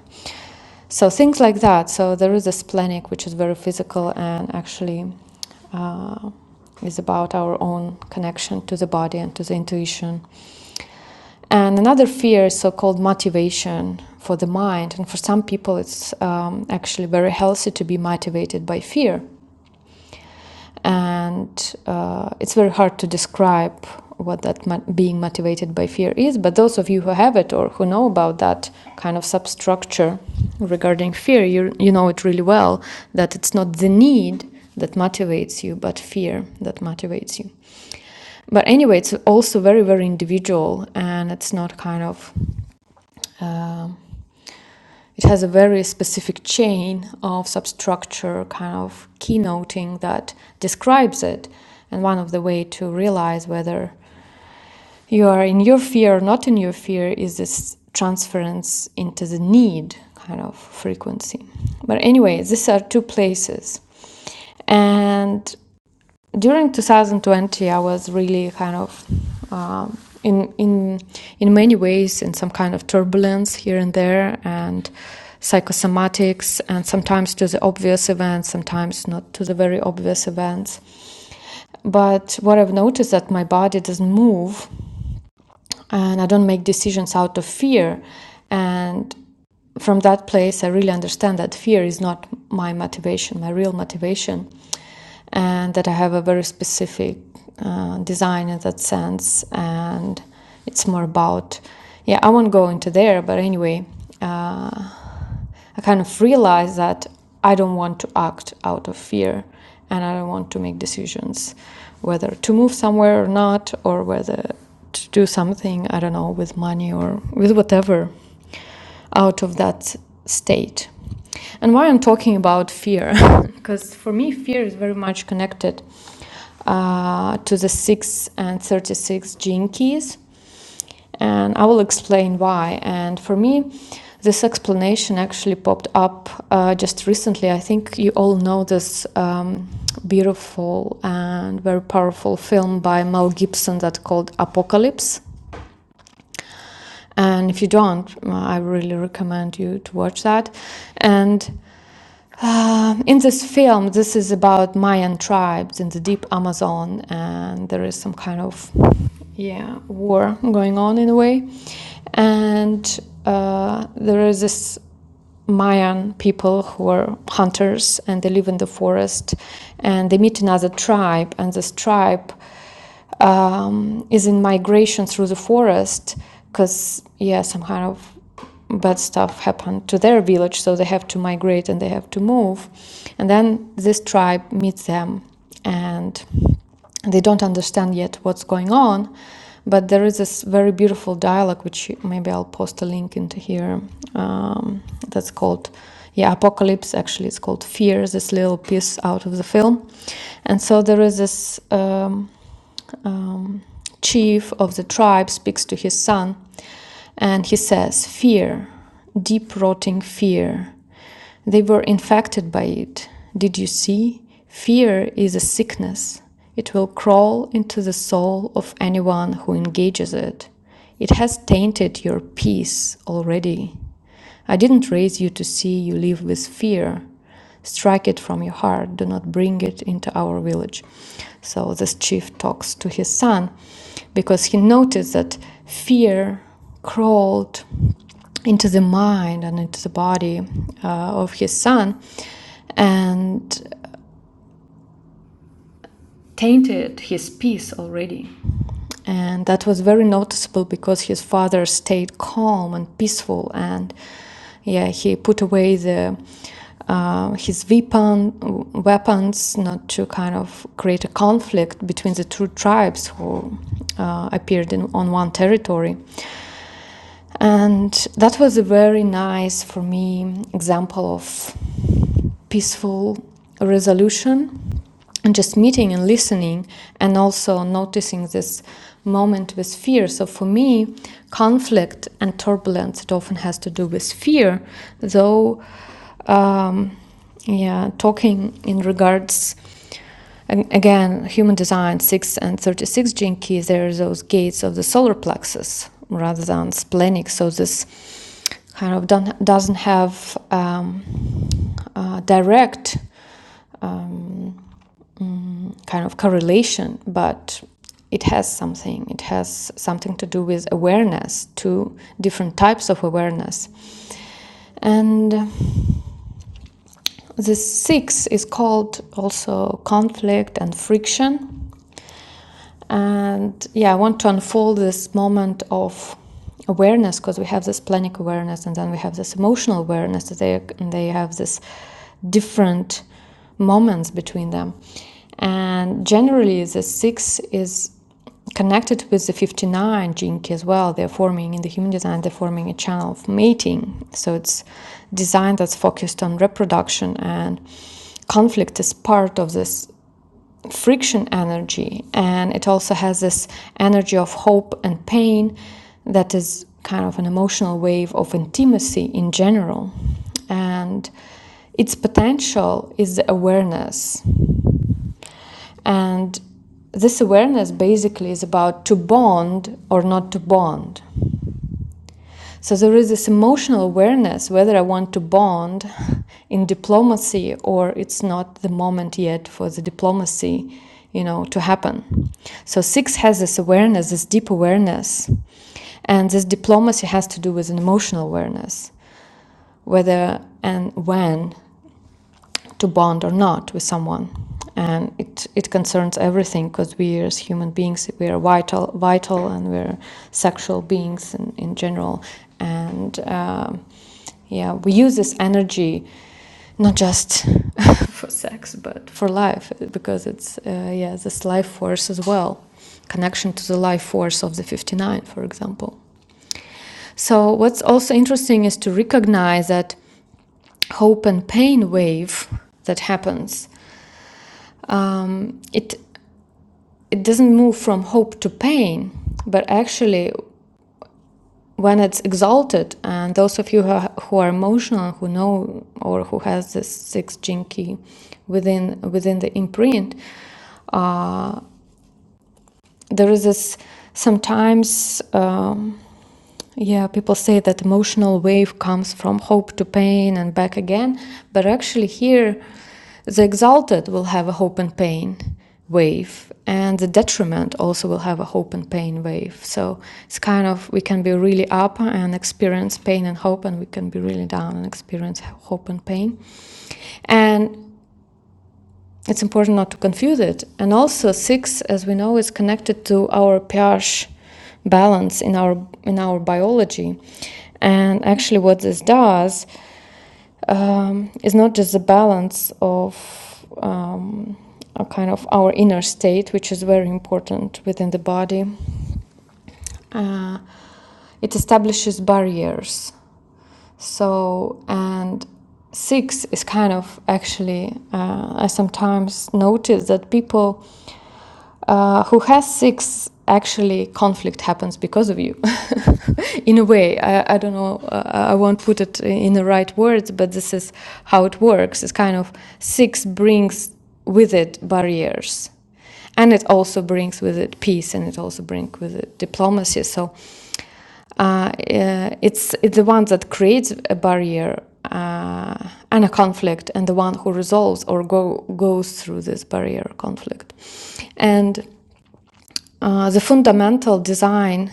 [SPEAKER 2] So things like that. So there is a splenic, which is very physical and actually uh, is about our own connection to the body and to the intuition. And another fear is so called motivation for the mind. And for some people, it's um, actually very healthy to be motivated by fear and uh, it's very hard to describe what that mo- being motivated by fear is but those of you who have it or who know about that kind of substructure regarding fear you you know it really well that it's not the need that motivates you but fear that motivates you but anyway it's also very very individual and it's not kind of um, it has a very specific chain of substructure kind of keynoting that describes it and one of the way to realize whether you are in your fear or not in your fear is this transference into the need kind of frequency but anyway these are two places and during 2020 i was really kind of um, in in in many ways in some kind of turbulence here and there and psychosomatics and sometimes to the obvious events sometimes not to the very obvious events but what i've noticed is that my body doesn't move and i don't make decisions out of fear and from that place, I really understand that fear is not my motivation, my real motivation, and that I have a very specific uh, design in that sense. And it's more about, yeah, I won't go into there, but anyway, uh, I kind of realized that I don't want to act out of fear and I don't want to make decisions whether to move somewhere or not, or whether to do something, I don't know, with money or with whatever out of that state. And why I'm talking about fear, because for me, fear is very much connected uh, to the 6 and 36 gene keys. And I will explain why. And for me, this explanation actually popped up uh, just recently. I think you all know this um, beautiful and very powerful film by Mel Gibson that called Apocalypse. And if you don't, well, I really recommend you to watch that. And um, in this film, this is about Mayan tribes in the deep Amazon, and there is some kind of yeah war going on in a way, and uh, there is this Mayan people who are hunters and they live in the forest, and they meet another tribe, and this tribe um, is in migration through the forest because yeah some kind of bad stuff happened to their village so they have to migrate and they have to move and then this tribe meets them and they don't understand yet what's going on but there is this very beautiful dialogue which maybe i'll post a link into here um, that's called yeah apocalypse actually it's called fear this little piece out of the film and so there is this um, um, chief of the tribe speaks to his son and he says, Fear, deep rotting fear. They were infected by it. Did you see? Fear is a sickness. It will crawl into the soul of anyone who engages it. It has tainted your peace already. I didn't raise you to see you live with fear. Strike it from your heart. Do not bring it into our village. So this chief talks to his son because he noticed that fear crawled into the mind and into the body uh, of his son. And tainted his peace already. And that was very noticeable because his father stayed calm and peaceful, and yeah, he put away the uh, his weapon weapons not to kind of create a conflict between the two tribes who uh, appeared in, on one territory. And that was a very nice for me example of peaceful resolution and just meeting and listening and also noticing this moment with fear so for me conflict and turbulence it often has to do with fear though um, yeah talking in regards and again, human design 6 and 36 gene keys, there are those gates of the solar plexus rather than splenic. So this kind of don't, doesn't have um, uh, direct um, kind of correlation, but it has something. It has something to do with awareness, two different types of awareness. And the sixth is called also conflict and friction. And yeah, I want to unfold this moment of awareness because we have this planic awareness and then we have this emotional awareness they, they have this different moments between them. And generally, the six is connected with the 59 jinki as well they're forming in the human design they're forming a channel of mating so it's design that's focused on reproduction and conflict is part of this friction energy and it also has this energy of hope and pain that is kind of an emotional wave of intimacy in general and its potential is the awareness and this awareness basically is about to bond or not to bond. So there is this emotional awareness whether I want to bond in diplomacy or it's not the moment yet for the diplomacy, you know, to happen. So 6 has this awareness, this deep awareness. And this diplomacy has to do with an emotional awareness, whether and when to bond or not with someone. And it, it concerns everything because we as human beings, we are vital, vital and we're sexual beings in, in general. And um, yeah, we use this energy not just for sex, but for life because it's, uh, yeah, this life force as well. Connection to the life force of the 59, for example. So, what's also interesting is to recognize that hope and pain wave that happens. Um, it it doesn't move from hope to pain, but actually when it's exalted, and those of you who are, who are emotional, who know or who has this sixth gene key within within the imprint, uh, there is this sometimes. Um, Yeah, people say that emotional wave comes from hope to pain and back again, but actually here the exalted will have a hope and pain wave and the detriment also will have a hope and pain wave. So it's kind of we can be really up and experience pain and hope and we can be really down and experience hope and pain. And it's important not to confuse it. And also, six, as we know, is connected to our pH balance in our in our biology. And actually, what this does um, is not just the balance of um, a kind of our inner state, which is very important within the body. Uh, it establishes barriers so, and six is kind of actually, uh, I sometimes notice that people uh, who has six actually conflict happens because of you in a way i, I don't know uh, i won't put it in the right words but this is how it works it's kind of six brings with it barriers and it also brings with it peace and it also brings with it diplomacy so uh, uh, it's, it's the one that creates a barrier uh, and a conflict, and the one who resolves or go, goes through this barrier conflict. And uh, the fundamental design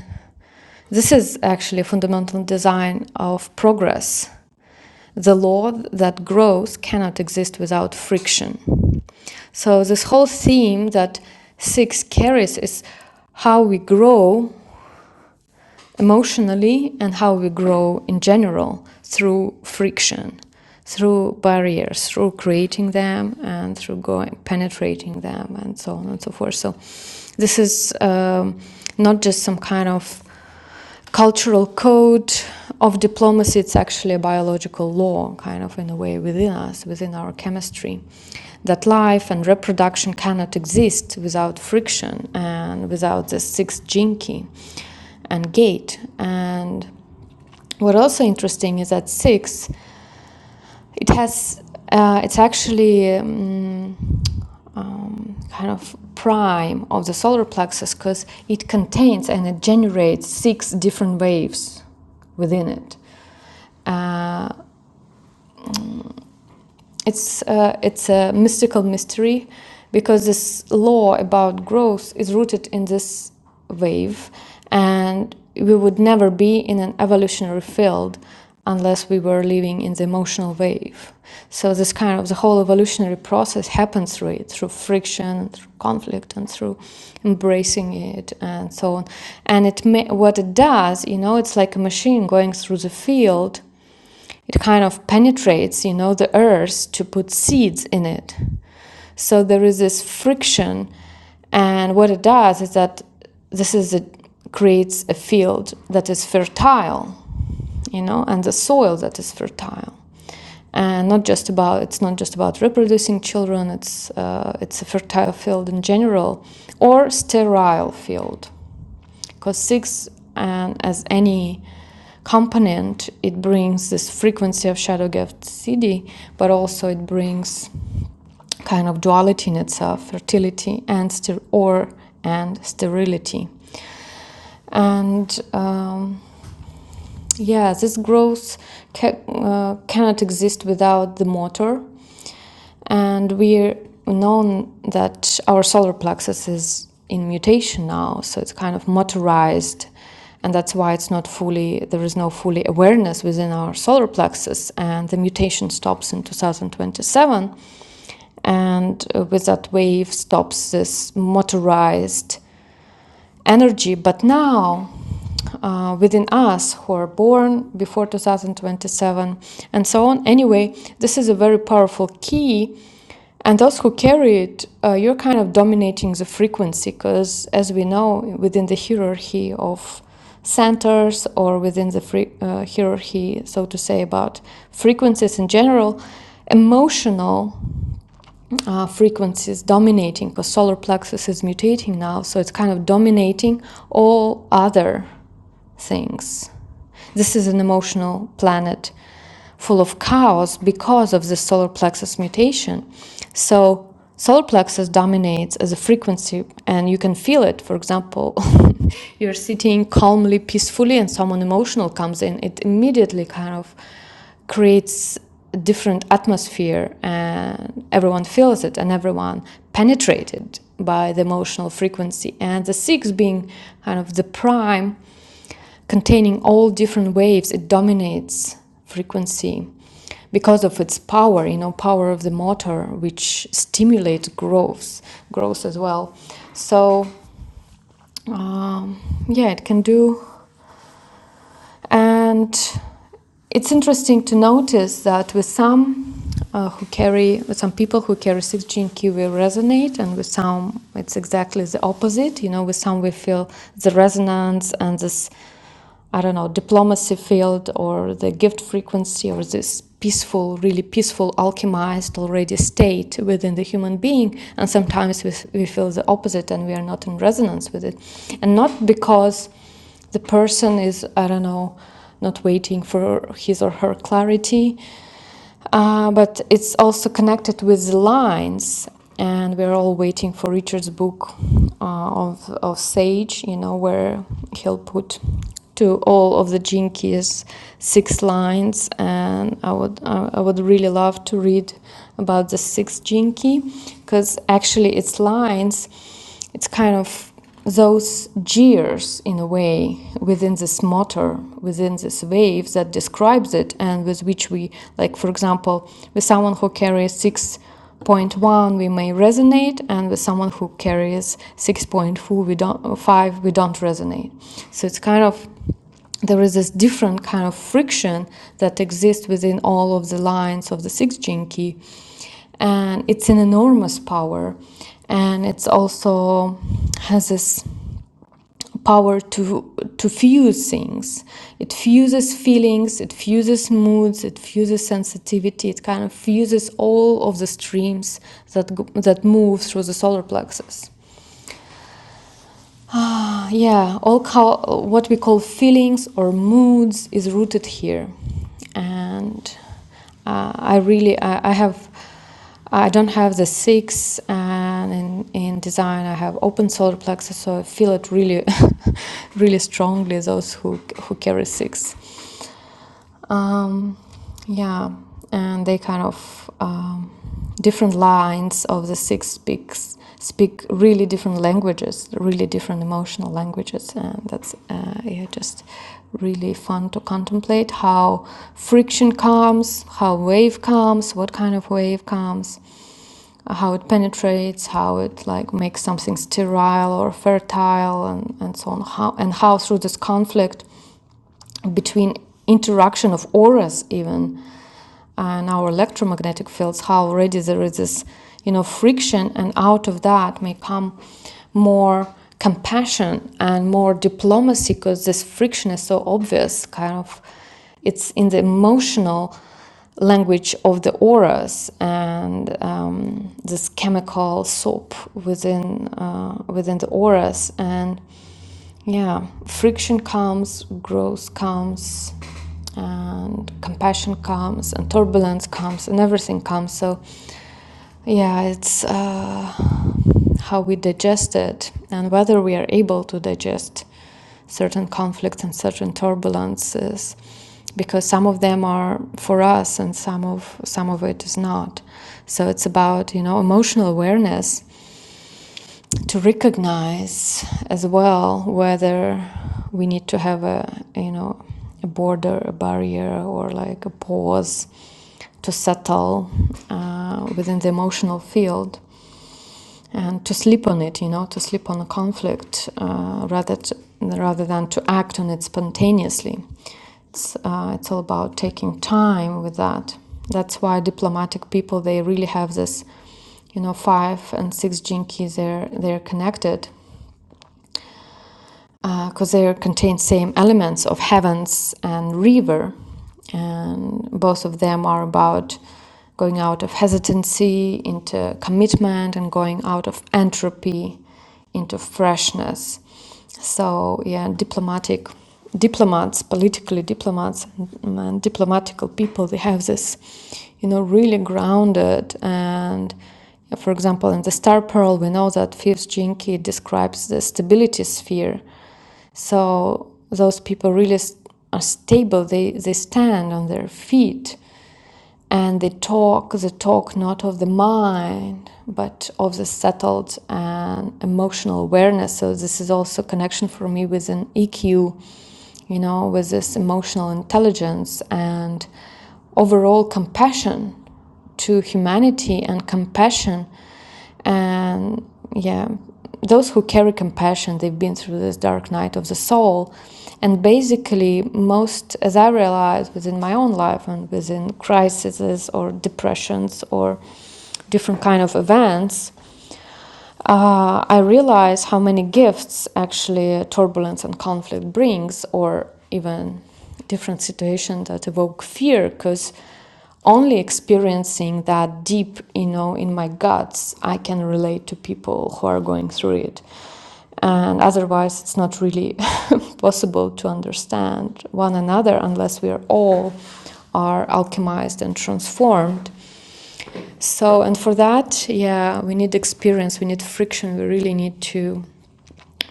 [SPEAKER 2] this is actually a fundamental design of progress, the law that growth cannot exist without friction. So, this whole theme that six carries is how we grow emotionally and how we grow in general through friction, through barriers, through creating them and through going penetrating them and so on and so forth. So this is um, not just some kind of cultural code of diplomacy. It's actually a biological law, kind of in a way, within us, within our chemistry, that life and reproduction cannot exist without friction and without the sixth gene key and gait. And what also interesting is that six, it has uh, it's actually um, um, kind of prime of the solar plexus because it contains and it generates six different waves within it. Uh, it's uh, it's a mystical mystery because this law about growth is rooted in this wave and we would never be in an evolutionary field unless we were living in the emotional wave so this kind of the whole evolutionary process happens through it through friction through conflict and through embracing it and so on and it may, what it does you know it's like a machine going through the field it kind of penetrates, you know, the earth to put seeds in it. So there is this friction, and what it does is that this is it creates a field that is fertile, you know, and the soil that is fertile. And not just about it's not just about reproducing children. It's uh, it's a fertile field in general, or sterile field. Because six, and as any component, it brings this frequency of shadow gift CD, but also it brings kind of duality in itself, fertility and ster- or and sterility. And um, yeah, this growth ca- uh, cannot exist without the motor. And we're known that our solar plexus is in mutation now, so it's kind of motorized. And that's why it's not fully, there is no fully awareness within our solar plexus. And the mutation stops in 2027. And uh, with that wave stops this motorized energy. But now, uh, within us who are born before 2027 and so on, anyway, this is a very powerful key. And those who carry it, uh, you're kind of dominating the frequency because, as we know, within the hierarchy of centers or within the free, uh, hierarchy, so to say, about frequencies in general, emotional uh, frequencies dominating because solar plexus is mutating now so it's kind of dominating all other things this is an emotional planet full of chaos because of the solar plexus mutation so solar plexus dominates as a frequency and you can feel it for example you're sitting calmly peacefully and someone emotional comes in it immediately kind of creates a different atmosphere and everyone feels it and everyone penetrated by the emotional frequency and the six being kind of the prime containing all different waves it dominates frequency because of its power you know power of the motor which stimulates growth growth as well so um, yeah it can do and it's interesting to notice that with some uh, who carry, with some people who carry 6G and Q, we resonate, and with some, it's exactly the opposite. You know, with some we feel the resonance and this, I don't know, diplomacy field or the gift frequency or this peaceful, really peaceful, alchemized already state within the human being. And sometimes we, we feel the opposite and we are not in resonance with it. And not because the person is, I don't know, not waiting for his or her clarity. Uh, but it's also connected with the lines, and we're all waiting for Richard's book uh, of, of Sage, you know, where he'll put to all of the Jinkies six lines, and I would I I would really love to read about the sixth Jinky, because actually its lines it's kind of those gears, in a way within this motor within this wave that describes it and with which we like for example with someone who carries 6.1 we may resonate and with someone who carries 6.4 we don't 5 we don't resonate so it's kind of there is this different kind of friction that exists within all of the lines of the six gene key and it's an enormous power and it's also has this power to to fuse things it fuses feelings it fuses moods it fuses sensitivity it kind of fuses all of the streams that go, that move through the solar plexus Ah, yeah, all call, what we call feelings or moods is rooted here, and uh, I really I, I have I don't have the six, and in, in design I have open solar plexus, so I feel it really, really strongly. Those who who carry six. Um, yeah, and they kind of um, different lines of the six speaks speak really different languages, really different emotional languages, and that's uh, yeah, just really fun to contemplate how friction comes, how wave comes, what kind of wave comes, how it penetrates, how it like makes something sterile or fertile, and and so on, how and how through this conflict between interaction of auras even and our electromagnetic fields how already there is this you know friction and out of that may come more compassion and more diplomacy because this friction is so obvious kind of it's in the emotional language of the auras and um, this chemical soap within uh, within the auras and yeah, friction comes, growth comes, and compassion comes, and turbulence comes, and everything comes. So, yeah, it's uh, how we digest it and whether we are able to digest certain conflicts and certain turbulences, because some of them are for us and some of some of it is not. So it's about you know emotional awareness to recognize as well whether we need to have a you know a border a barrier or like a pause to settle uh, within the emotional field and to sleep on it, you know, to sleep on a conflict uh, rather t rather than to act on it spontaneously. It's uh, it's all about taking time with that. That's why diplomatic people they really have this, you know, five and six jinki. They're they're connected because uh, they contain same elements of heavens and river and both of them are about going out of hesitancy into commitment and going out of entropy into freshness so yeah diplomatic diplomats politically diplomats and, and diplomatical people they have this you know really grounded and yeah, For example, in the star pearl, we know that fifth gene key describes the stability sphere. So those people really are stable. They, they stand on their feet and they talk the talk not of the mind but of the settled and emotional awareness so this is also connection for me with an eq you know with this emotional intelligence and overall compassion to humanity and compassion and yeah those who carry compassion they've been through this dark night of the soul and basically most as i realized within my own life and within crises or depressions or different kind of events uh, I realize how many gifts actually turbulence and conflict brings, or even different situations that evoke fear, because only experiencing that deep, you know, in my guts, I can relate to people who are going through it. And otherwise, it's not really possible to understand one another unless we are all are alchemized and transformed so, and for that, yeah, we need experience, we need friction, we really need to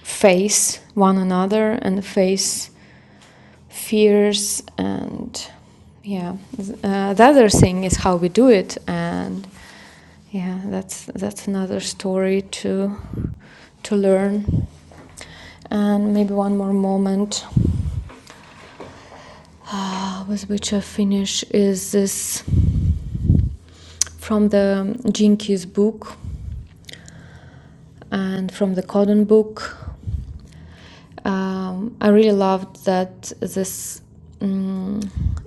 [SPEAKER 2] face one another and face fears. And yeah, uh, the other thing is how we do it. And yeah, that's, that's another story to, to learn. And maybe one more moment uh, with which I finish is this from the Jinkies book and from the Codon book. um, I really loved that this um,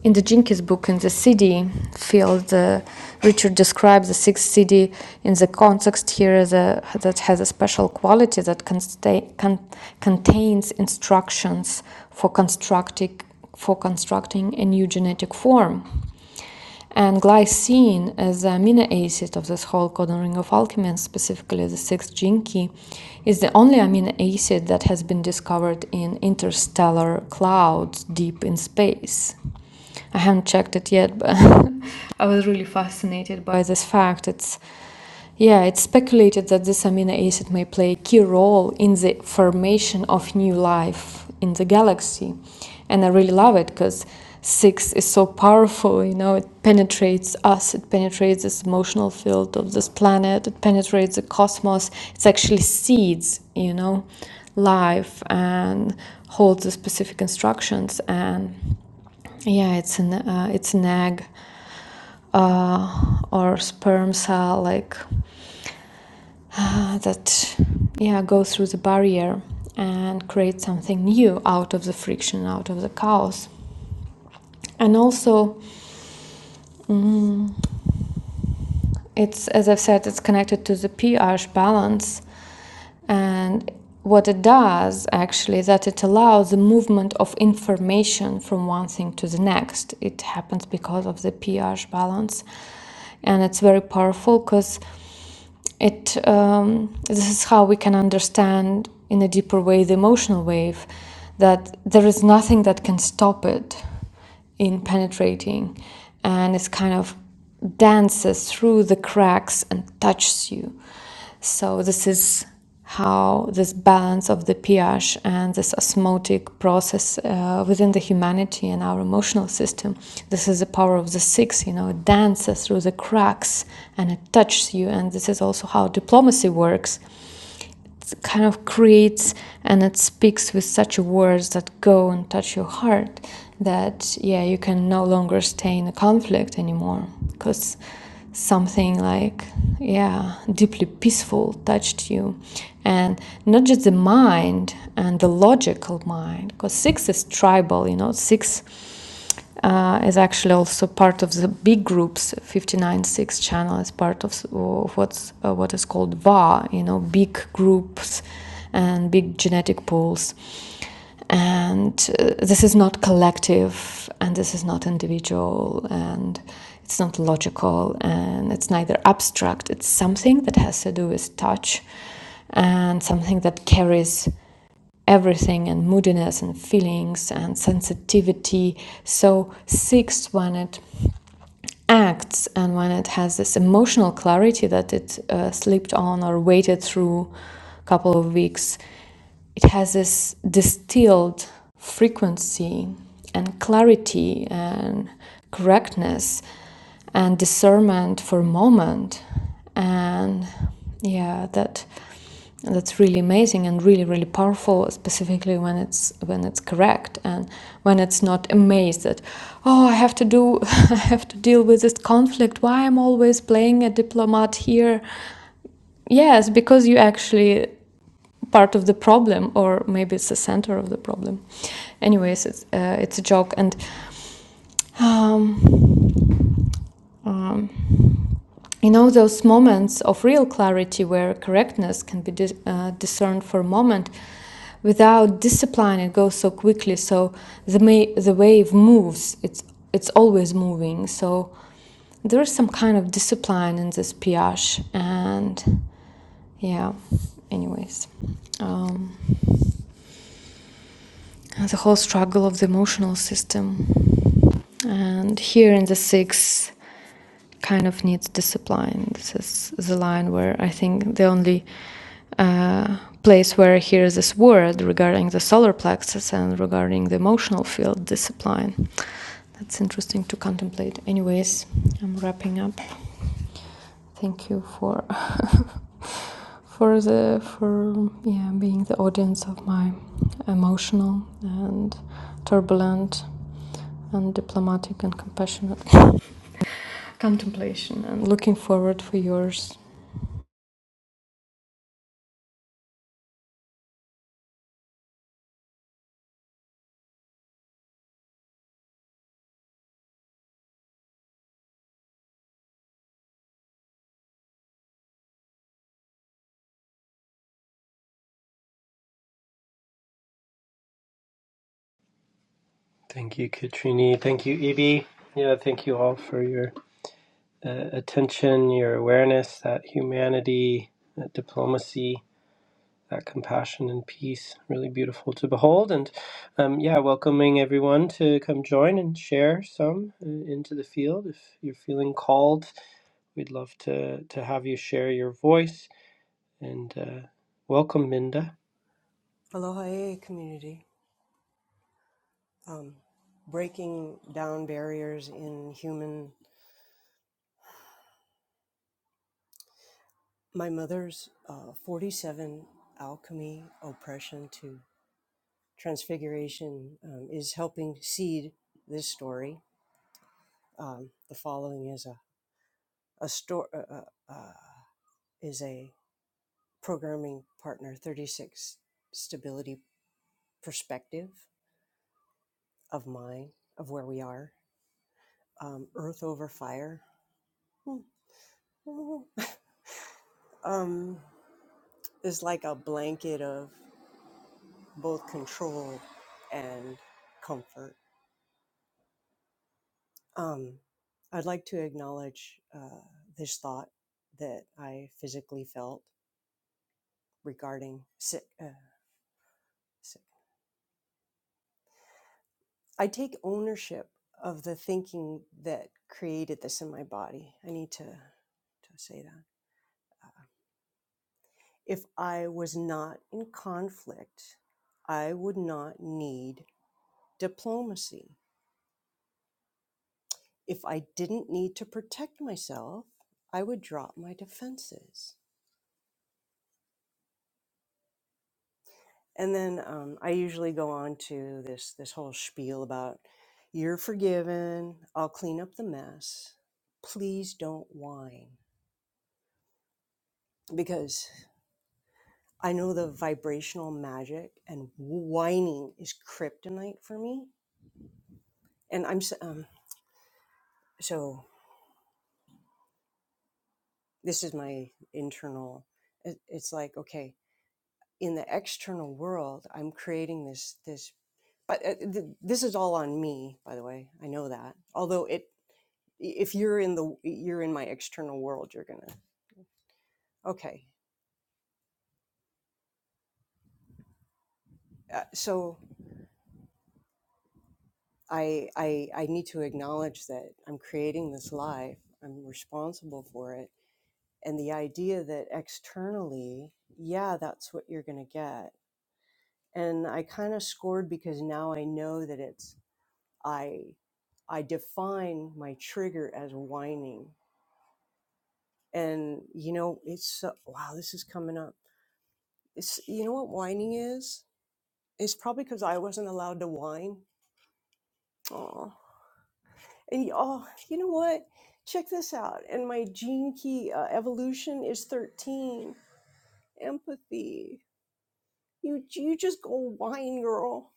[SPEAKER 2] in the Jenkins book in the city field, uh, Richard describes the sixth city in the context here as a, that has a special quality that consta- con- contains instructions for constructing for constructing a new genetic form. And glycine as the amino acid of this whole codon ring of alchemy, and specifically the sixth gene key, is the only amino acid that has been discovered in interstellar clouds deep in space. I haven't checked it yet, but I was really fascinated by this fact. It's yeah, it's speculated that this amino acid may play a key role in the formation of new life in the galaxy. And I really love it because six is so powerful, you know, it penetrates us, it penetrates this emotional field of this planet, it penetrates the cosmos. It's actually seeds, you know, life and holds the specific instructions. And yeah, it's an, uh, it's an egg uh, or sperm cell, like uh, that yeah go through the barrier and create something new out of the friction, out of the chaos. And also, it's as I've said, it's connected to the pH balance, and what it does actually that it allows the movement of information from one thing to the next. It happens because of the pH balance, and it's very powerful because it um, this is how we can understand in a deeper way the emotional wave that there is nothing that can stop it in penetrating and it's kind of dances through the cracks and touches you so this is how this balance of the pH and this osmotic process uh, within the humanity and our emotional system. This is the power of the six, you know, it dances through the cracks and it touches you. And this is also how diplomacy works kind of creates and it speaks with such words that go and touch your heart that yeah you can no longer stay in a conflict anymore because something like yeah deeply peaceful touched you and not just the mind and the logical mind because six is tribal you know six uh, is actually also part of the big groups 59.6 channel is part of, of what's uh, what is called VA, you know, big groups and big genetic pools. And uh, this is not collective, and this is not individual, and it's not logical, and it's neither abstract. It's something that has to do with touch, and something that carries everything and moodiness and feelings and sensitivity. So, sixth, when it acts and when it has this emotional clarity that it uh, slept on or waited through a couple of weeks, it has this distilled frequency and clarity and correctness and discernment for a moment. And yeah, that. And that's really amazing and really, really powerful, specifically when it's when it's correct and when it's not amazed that, oh, I have to do, I have to deal with this conflict. Why I'm always playing a diplomat here? Yes, because you actually part of the problem, or maybe it's the center of the problem. Anyways, it's uh, it's a joke, and um, um, you know, those moments of real clarity where correctness can be dis- uh, discerned for a moment without discipline, it goes so quickly. So the, ma- the wave moves, it's, it's always moving. So there is some kind of discipline in this Piash, and yeah, anyways, um, the whole struggle of the emotional system. And here in the sixth kind of needs discipline. This is the line where I think the only uh, place where I hear this word regarding the solar plexus and regarding the emotional field discipline. That's interesting to contemplate. Anyways, I'm wrapping up. Thank you for for the for yeah being the audience of my emotional and turbulent and diplomatic and compassionate contemplation and looking forward for yours.
[SPEAKER 1] Thank you, Katrini. Thank you, Ibi. Yeah, thank you all for your uh, attention, your awareness, that humanity, that diplomacy, that compassion and peace. Really beautiful to behold. And um, yeah, welcoming everyone to come join and share some uh, into the field if you're feeling called. We'd love to, to have you share your voice. And uh, welcome, Minda.
[SPEAKER 4] Aloha AA community. Um, breaking down barriers in human. My mother's uh, 47 alchemy, oppression to transfiguration um, is helping seed this story. Um, the following is a, a store uh, uh, uh, is a programming partner 36 stability perspective of mine of where we are. Um, Earth over fire. um, is like a blanket of both control and comfort. Um, I'd like to acknowledge uh, this thought that I physically felt regarding sick. Uh, sick. I take ownership of the thinking that created this in my body. I need to, to say that. If I was not in conflict, I would not need diplomacy. If I didn't need to protect myself, I would drop my defenses. And then um, I usually go on to this this whole spiel about you're forgiven. I'll clean up the mess. Please don't whine because I know the vibrational magic and whining is kryptonite for me. And I'm s- um, so this is my internal. it- It's like okay, in the external world, I'm creating this this but uh, th- this is all on me by the way i know that although it if you're in the you're in my external world you're gonna okay uh, so I, I i need to acknowledge that i'm creating this life i'm responsible for it and the idea that externally yeah that's what you're gonna get and i kind of scored because now i know that it's i i define my trigger as whining and you know it's so, wow this is coming up it's you know what whining is it's probably because i wasn't allowed to whine oh and y- oh you know what check this out and my gene key uh, evolution is 13 empathy you you just go whine girl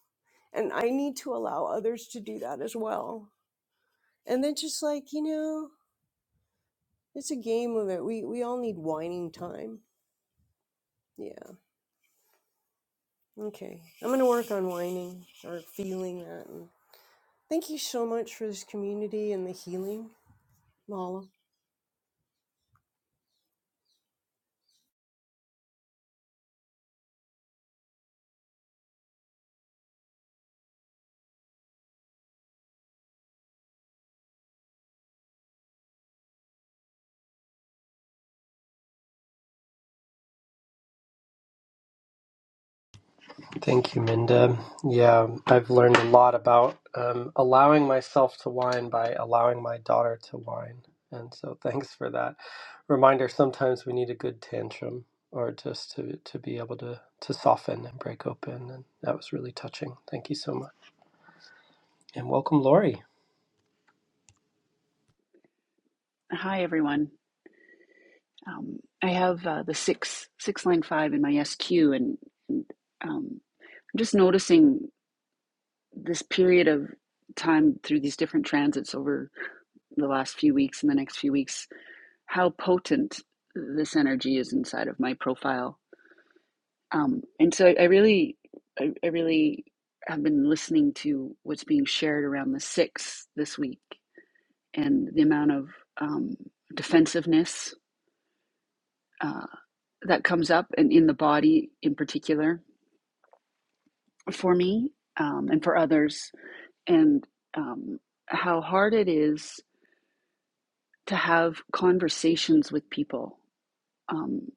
[SPEAKER 4] and i need to allow others to do that as well and then just like you know it's a game of it we we all need whining time yeah okay i'm gonna work on whining or feeling that Thank you so much for this community and the healing, Mala.
[SPEAKER 1] Thank you, Minda. Yeah, I've learned a lot about um, allowing myself to whine by allowing my daughter to whine. And so thanks for that reminder. Sometimes we need a good tantrum or just to, to be able to, to soften and break open. And that was really touching. Thank you so much. And welcome, Lori.
[SPEAKER 5] Hi, everyone. Um, I have uh, the six six line five in my SQ, and, and um, I'm just noticing this period of time through these different transits over the last few weeks and the next few weeks, how potent this energy is inside of my profile. Um, and so I, I really, I, I really have been listening to what's being shared around the six this week, and the amount of um, defensiveness. uh, that comes up and in the body in particular for me um, and for others, and um, how hard it is to have conversations with people um,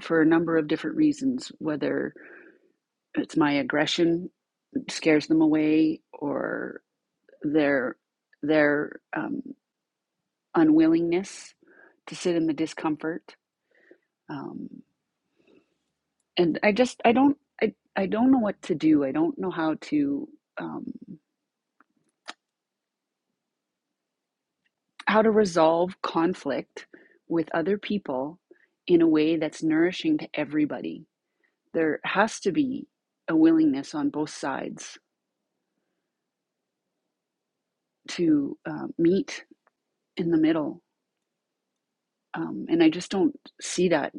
[SPEAKER 5] for a number of different reasons, whether it's my aggression scares them away or their their um, unwillingness to sit in the discomfort um, and i just i don't I, I don't know what to do i don't know how to um, how to resolve conflict with other people in a way that's nourishing to everybody. There has to be a willingness on both sides to uh, meet in the middle. Um, and I just don't see that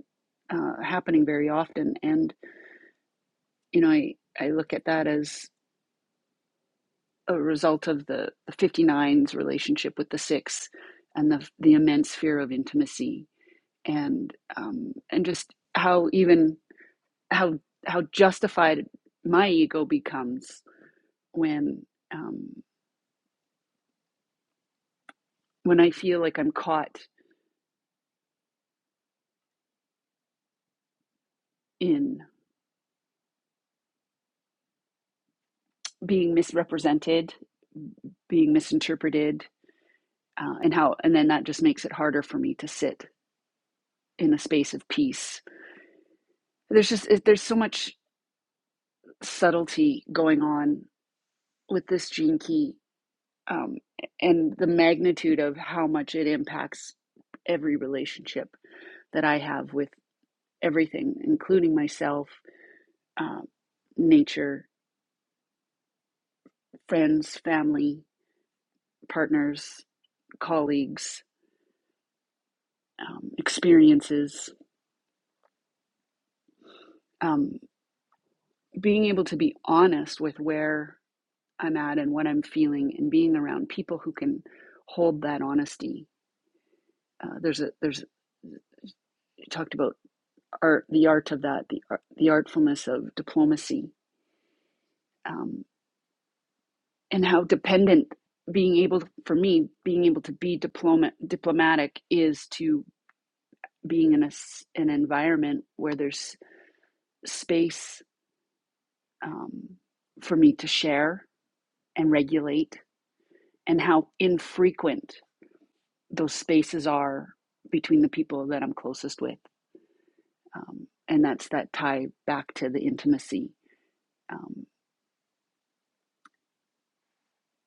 [SPEAKER 5] uh, happening very often. And, you know, I, I look at that as a result of the, the 59's relationship with the six and the, the immense fear of intimacy and um, and just how even how how justified my ego becomes when um, when I feel like I'm caught in being misrepresented, being misinterpreted, uh, and how and then that just makes it harder for me to sit in a space of peace. There's just there's so much subtlety going on with this gene key um, and the magnitude of how much it impacts every relationship that I have with everything, including myself um, nature, friends, family, partners, colleagues, um, experiences, um, being able to be honest with where I'm at and what I'm feeling, and being around people who can hold that honesty. Uh, there's a there's you talked about art, the art of that, the the artfulness of diplomacy, um, and how dependent being able for me being able to be diplomat diplomatic is to being in a an environment where there's space um, for me to share and regulate, and how infrequent those spaces are between the people that I'm closest with. Um, and that's that tie back to the intimacy. Um,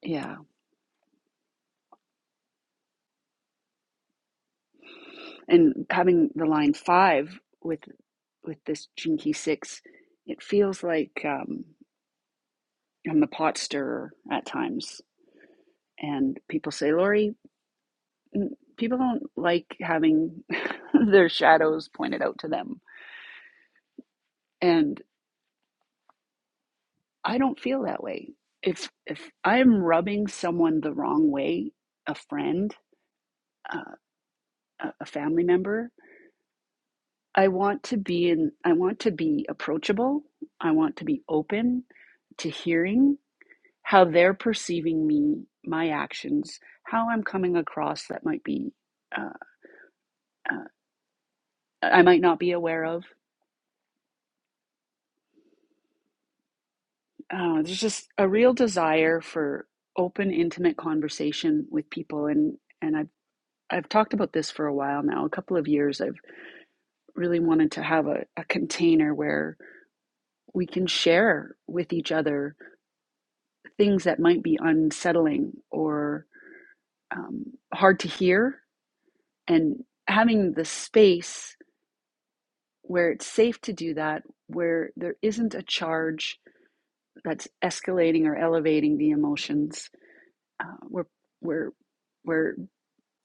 [SPEAKER 5] yeah. And having the line five with with this Jinky six, it feels like um, I'm the pot stirrer at times. And people say, Lori, people don't like having their shadows pointed out to them and i don't feel that way if if i'm rubbing someone the wrong way a friend uh, a family member i want to be in i want to be approachable i want to be open to hearing how they're perceiving me my actions how i'm coming across that might be uh, uh, i might not be aware of uh, there's just a real desire for open intimate conversation with people and and I. I've talked about this for a while now, a couple of years. I've really wanted to have a, a container where we can share with each other things that might be unsettling or um, hard to hear. And having the space where it's safe to do that, where there isn't a charge that's escalating or elevating the emotions, uh, where, where, where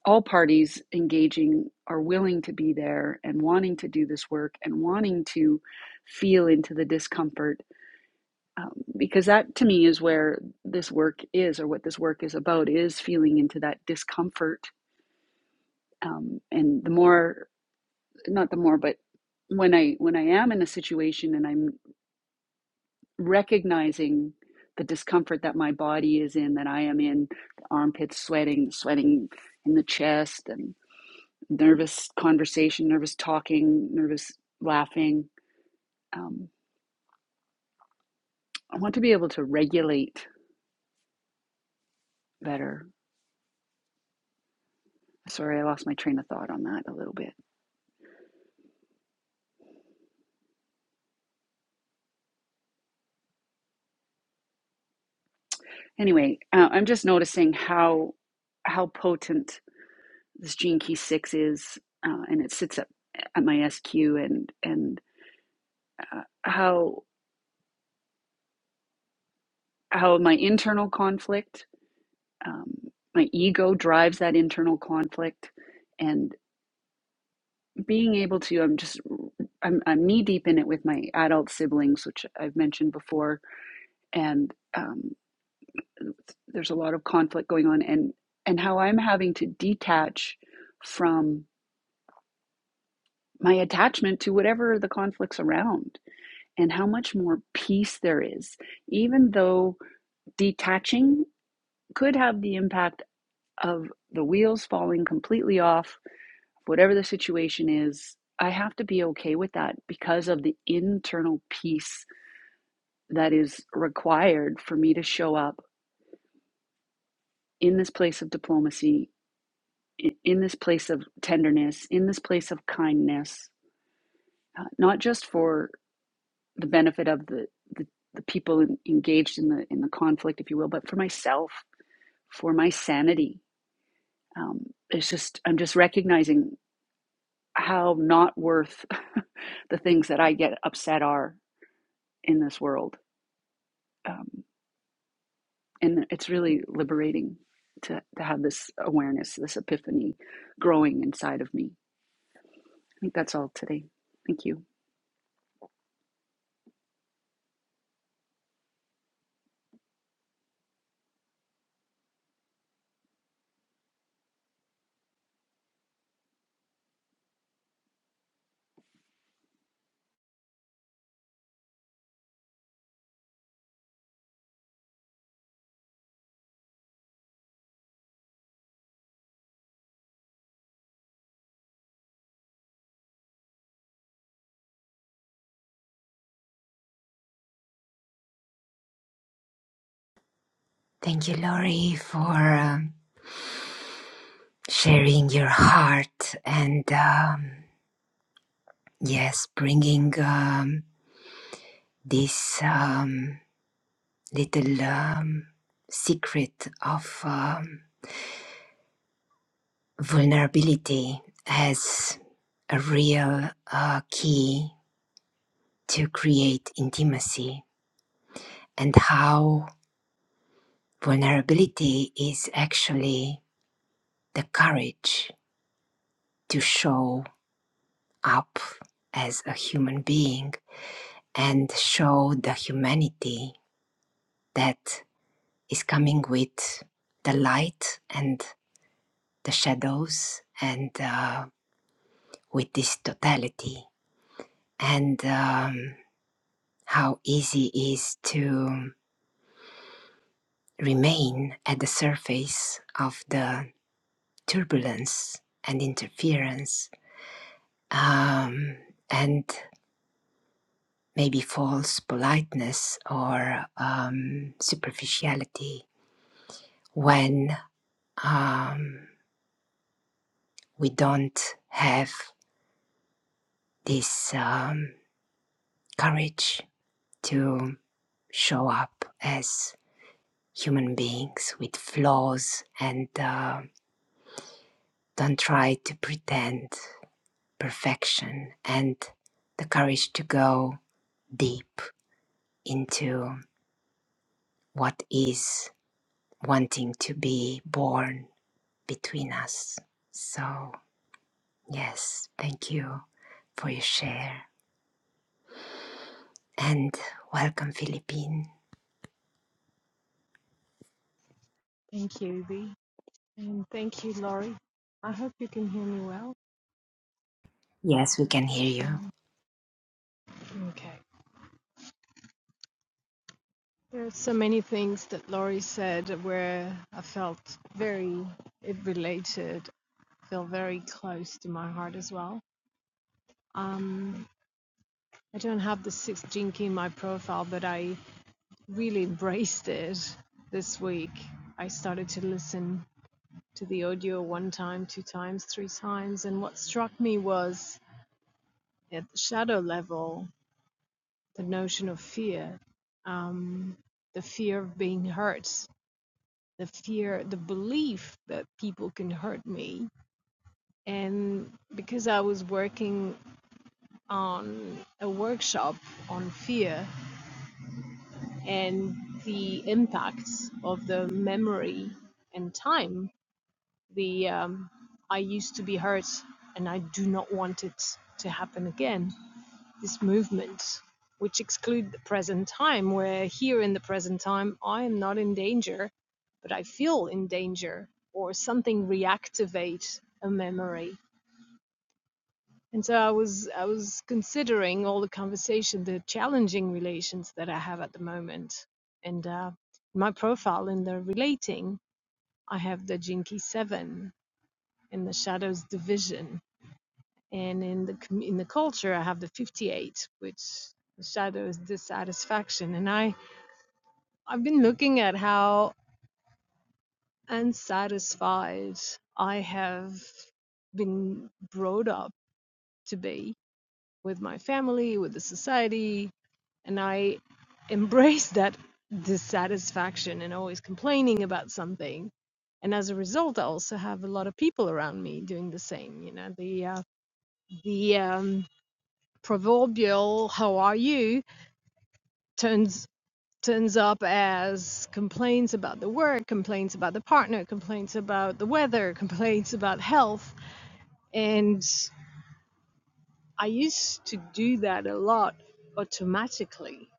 [SPEAKER 5] all parties engaging are willing to be there and wanting to do this work and wanting to feel into the discomfort um, because that to me is where this work is or what this work is about is feeling into that discomfort um, and the more not the more but when i when i am in a situation and i'm recognizing the discomfort that my body is in that i am in the armpits sweating sweating in the chest and nervous conversation, nervous talking, nervous laughing. Um, I want to be able to regulate better. Sorry, I lost my train of thought on that a little bit. Anyway, uh, I'm just noticing how how potent this Gene Key Six is, uh, and it sits at, at my SQ, and and uh, how how my internal conflict, um, my ego drives that internal conflict, and. being able to i'm just i'm, I'm knee deep in it with my adult siblings which i've mentioned before and um, there's a lot of conflict going on and and how i'm having to detach from my attachment to whatever the conflicts around and how much more peace there is even though detaching could have the impact of the wheels falling completely off whatever the situation is i have to be okay with that because of the internal peace that is required for me to show up in this place of diplomacy, i- in this place of tenderness, in this place of kindness, uh, not just for the benefit of the, the, the people in, engaged in the in the conflict, if you will, but for myself, for my sanity. Um, it's just I'm just recognizing how not worth the things that I get upset are in this world. Um, and it's really liberating to, to have this awareness, this epiphany growing inside of me. I think that's all today. Thank you.
[SPEAKER 3] Thank you, Lori, for um, sharing your heart and um, yes, bringing um, this um, little um, secret of um, vulnerability as a real uh, key to create intimacy and how vulnerability is actually the courage to show up as a human being and show the humanity that is coming with the light and the shadows and uh, with this totality and um, how easy is to remain at the surface of the turbulence and interference um, and maybe false politeness or um, superficiality when um, we don't have this um, courage to show up as human beings with flaws and uh, don't try to pretend perfection and the courage to go deep into what is wanting to be born between us. So, yes, thank you for your share and welcome, Philippine.
[SPEAKER 6] Thank you, Ibi. And thank you, Laurie. I hope you can hear me well.
[SPEAKER 3] Yes, we can hear you.
[SPEAKER 6] Um, okay. There are so many things that Laurie said where I felt very, it related, feel very close to my heart as well. Um, I don't have the sixth jinky in my profile, but I really embraced it this week. I started to listen to the audio one time, two times, three times, and what struck me was at the shadow level the notion of fear, um, the fear of being hurt, the fear, the belief that people can hurt me. And because I was working on a workshop on fear and the impacts of the memory and time, the um, I used to be hurt and I do not want it to happen again this movement, which exclude the present time, where here in the present time, I am not in danger, but I feel in danger, or something reactivate a memory. And so I was I was considering all the conversation, the challenging relations that I have at the moment, and uh, my profile in the relating, I have the Jinky Seven in the Shadows Division, and in the com- in the culture i have the 58 which shadows dissatisfaction and i i've been looking at how unsatisfied i have been brought up to be with my family with the society and i embrace that dissatisfaction and always complaining about something and as a result i also have a lot of people around me doing the same you know the uh, the um, proverbial how are you turns turns up as complaints about the work, complaints about the partner, complaints about the weather, complaints about health. And I used to do that a lot automatically,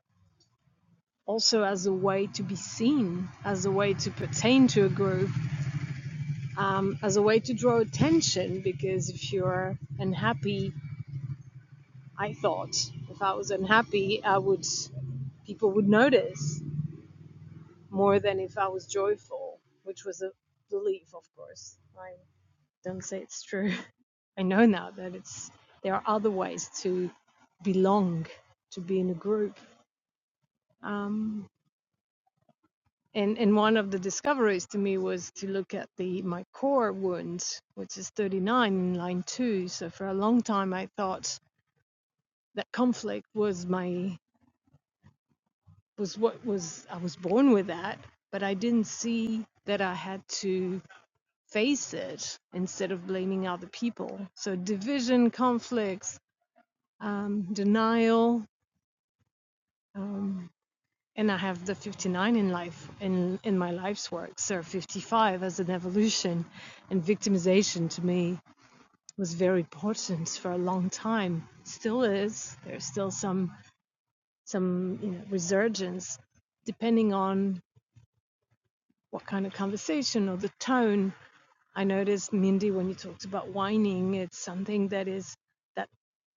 [SPEAKER 6] also as a way to be seen, as a way to pertain to a group, um, as a way to draw attention. Because if you're unhappy, I thought if I was unhappy, I would people would notice more than if I was joyful, which was a belief, of course. I don't say it's true. I know now that it's there are other ways to belong, to be in a group. Um, and and one of the discoveries to me was to look at the my core wound, which is 39 in line two. So for a long time, I thought that conflict was my was what was I was born with that, but I didn't see that I had to face it instead of blaming other people. So division, conflicts, um, denial, um, and I have the 59 in life in in my life's work. So 55 as an evolution, and victimization to me was very important for a long time. Still is. There's still some some you know resurgence, depending on what kind of conversation or the tone. I noticed Mindy when you talked about whining, it's something that is that is that.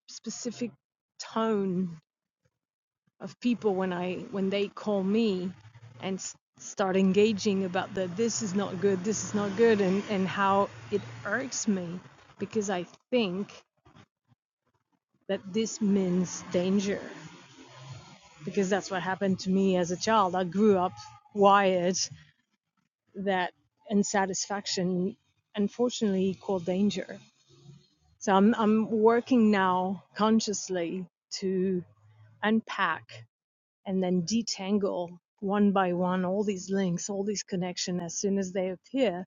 [SPEAKER 6] specific tone of people when I when they call me and s- start engaging about the this is not good, this is not good, and and how it irks me because I think that this means danger because that's what happened to me as a child. I grew up wired that unsatisfaction unfortunately equal danger. So I'm I'm working now consciously to unpack and then detangle one by one all these links, all these connections as soon as they appear.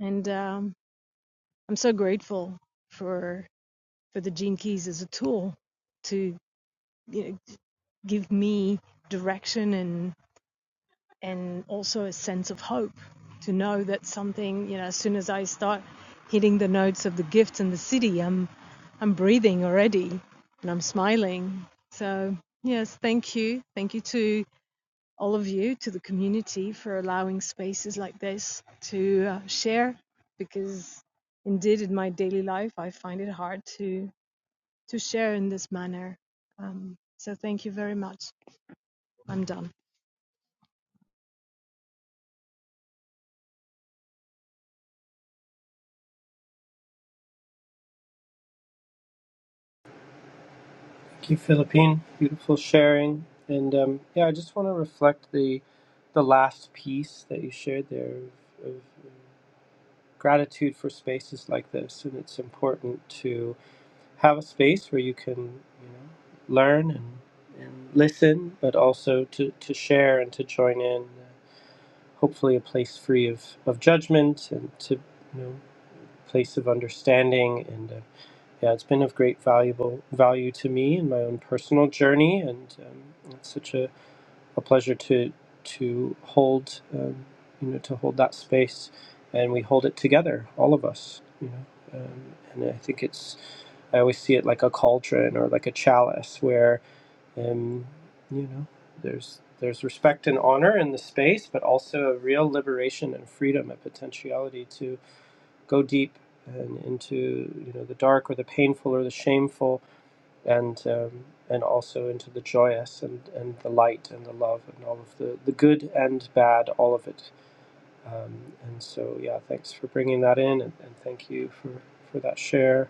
[SPEAKER 6] And um, I'm so grateful for for the Gene Keys as a tool to you know, give me direction and and also a sense of hope to know that something you know as soon as I start hitting the notes of the gifts and the city, I'm I'm breathing already and I'm smiling. So yes, thank you, thank you to all of you, to the community for allowing spaces like this to uh, share because indeed in my daily life I find it hard to to share in this manner. Um, so thank you very much. I'm done.
[SPEAKER 1] Thank you, Philippine. Beautiful sharing. And um, yeah, I just want to reflect the the last piece that you shared there of, of gratitude for spaces like this and it's important to have a space where you can you know learn and, and listen but also to, to share and to join in hopefully a place free of, of judgment and to you know place of understanding and uh, yeah it's been of great valuable value to me in my own personal journey and um, it's such a a pleasure to to hold um, you know to hold that space, and we hold it together, all of us. You know, um, and I think it's I always see it like a cauldron or like a chalice where um, you know there's there's respect and honor in the space, but also a real liberation and freedom, a potentiality to go deep and into you know the dark or the painful or the shameful and um, and also into the joyous and, and the light and the love and all of the, the good and bad, all of it. Um, and so, yeah, thanks for bringing that in, and, and thank you for, for that share.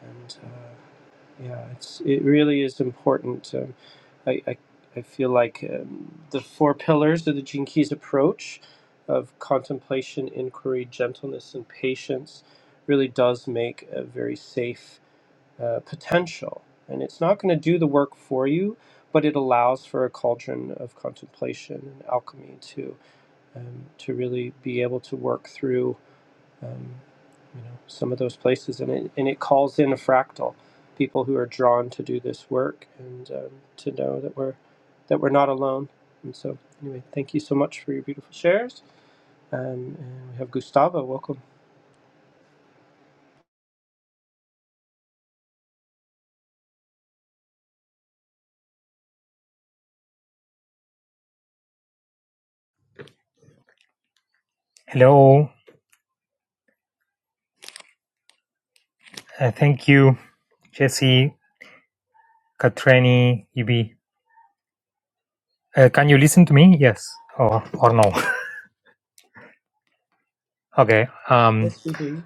[SPEAKER 1] And uh, yeah, it's it really is important. Um, I, I I feel like um, the four pillars of the Gene Keys approach of contemplation, inquiry, gentleness, and patience really does make a very safe uh, potential. And it's not going to do the work for you, but it allows for a cauldron of contemplation and alchemy to um, to really be able to work through um, you know some of those places. And it and it calls in a fractal, people who are drawn to do this work and um, to know that we're that we're not alone. And so anyway, thank you so much for your beautiful shares. Um, and we have Gustavo, welcome.
[SPEAKER 7] Hello. Uh, thank you, Jesse, Katrani, Ibi. Uh, can you listen to me? Yes or, or no? Okay. Um,
[SPEAKER 1] Nice to hear you.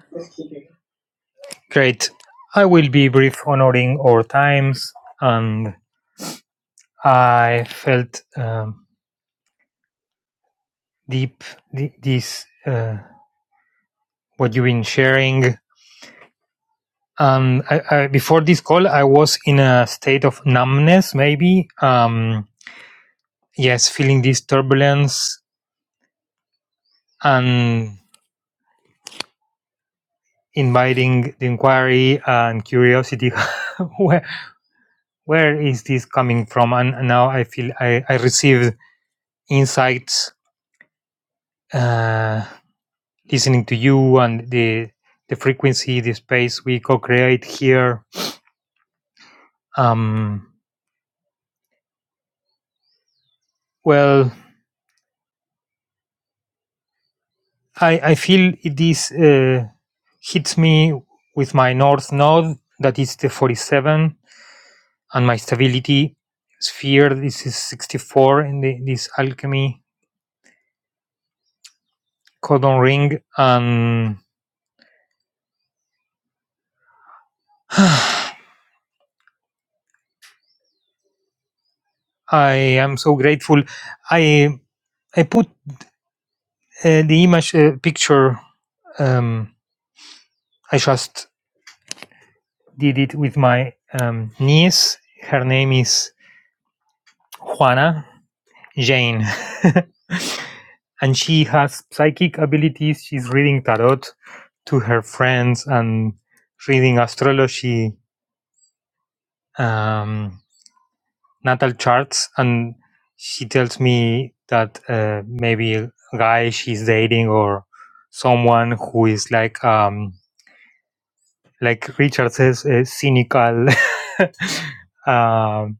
[SPEAKER 7] great. I will be brief, honoring our times. And I felt um, deep th- this uh, what you've been sharing. Um, I, I, before this call, I was in a state of numbness, maybe. Um, yes, feeling this turbulence and inviting the inquiry uh, and curiosity where where is this coming from and now i feel i, I received insights uh, listening to you and the the frequency the space we co-create here um, well i i feel it is uh, hits me with my north node that is the 47 and my stability sphere this is 64 in the, this alchemy codon ring and i am so grateful i i put uh, the image uh, picture um, i just did it with my um, niece her name is juana jane and she has psychic abilities she's reading tarot to her friends and reading astrology um, natal charts, and she tells me that uh, maybe a guy she's dating or someone who is like um, like Richard says, uh, cynical, um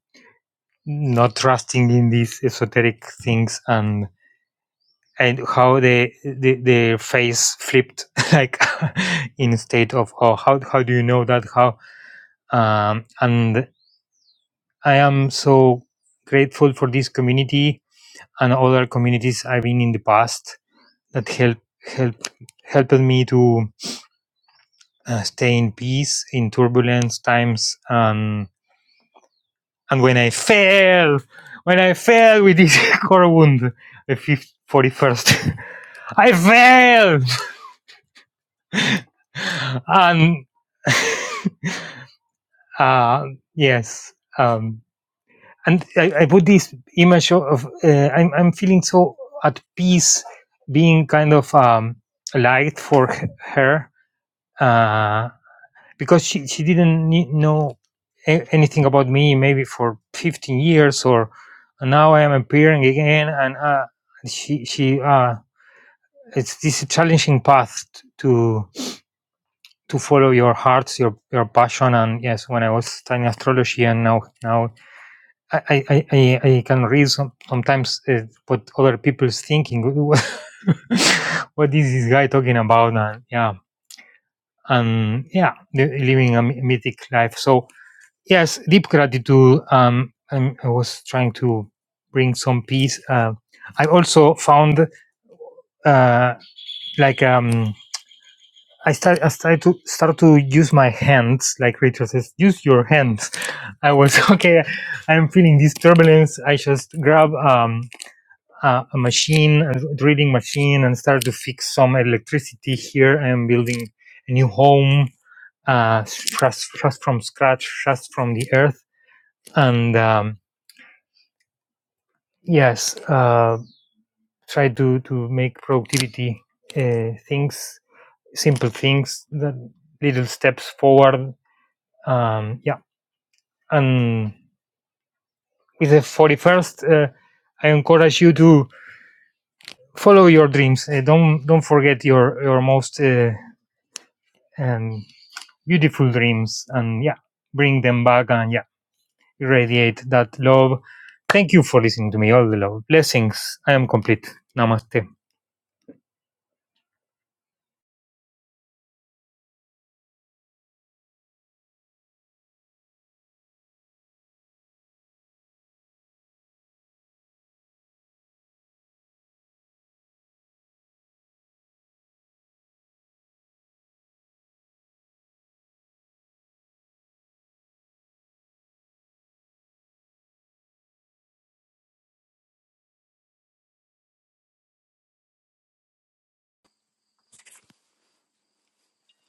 [SPEAKER 7] not trusting in these esoteric things, and and how they the, their face flipped like in state of oh how how do you know that how um, and I am so grateful for this community and other communities I've been in the past that help help helped me to uh, stay in peace in turbulence times and and when I fell when I fell with this core wound the fifth, 41st I fell and uh, yes um, and I, I put this image of uh, I'm, I'm feeling so at peace being kind of um, a light for h- her uh, because she, she didn't ne- know a- anything about me maybe for 15 years or and now I am appearing again and uh, she she uh, it's this challenging path t- to to follow your hearts your your passion and yes when I was studying astrology and now now I I, I, I I can read some, sometimes uh, what other people's thinking what is this guy talking about and yeah and yeah li- living a mythic life so Yes, deep gratitude. Um, and I was trying to bring some peace. Uh, I also found uh, like um, I start I started to start to use my hands. Like Rachel says, use your hands. I was okay. I'm feeling this turbulence. I just grab um, a, a machine, a drilling machine, and start to fix some electricity here. I am building a new home. Uh, just, just from scratch, just from the earth, and um, yes uh, try to to make productivity uh, things simple things that little steps forward um, yeah and with the 41st uh, i encourage you to follow your dreams uh, don't don't forget your your most uh, um, beautiful dreams and yeah bring them back and yeah irradiate that love thank you for listening to me all the love blessings i am complete namaste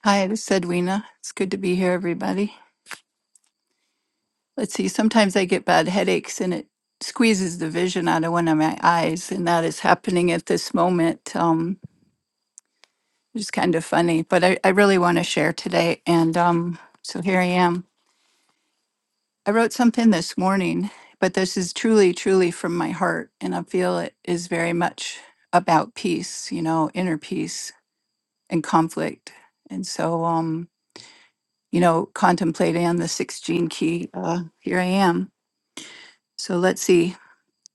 [SPEAKER 8] Hi, this is Edwina. It's good to be here, everybody. Let's see, sometimes I get bad headaches and it squeezes the vision out of one of my eyes, and that is happening at this moment. Um, it's kind of funny, but I, I really want to share today. And um, so here I am. I wrote something this morning, but this is truly, truly from my heart. And I feel it is very much about peace, you know, inner peace and conflict. And so, um, you know, contemplating on the six gene key, uh, here I am So let's see.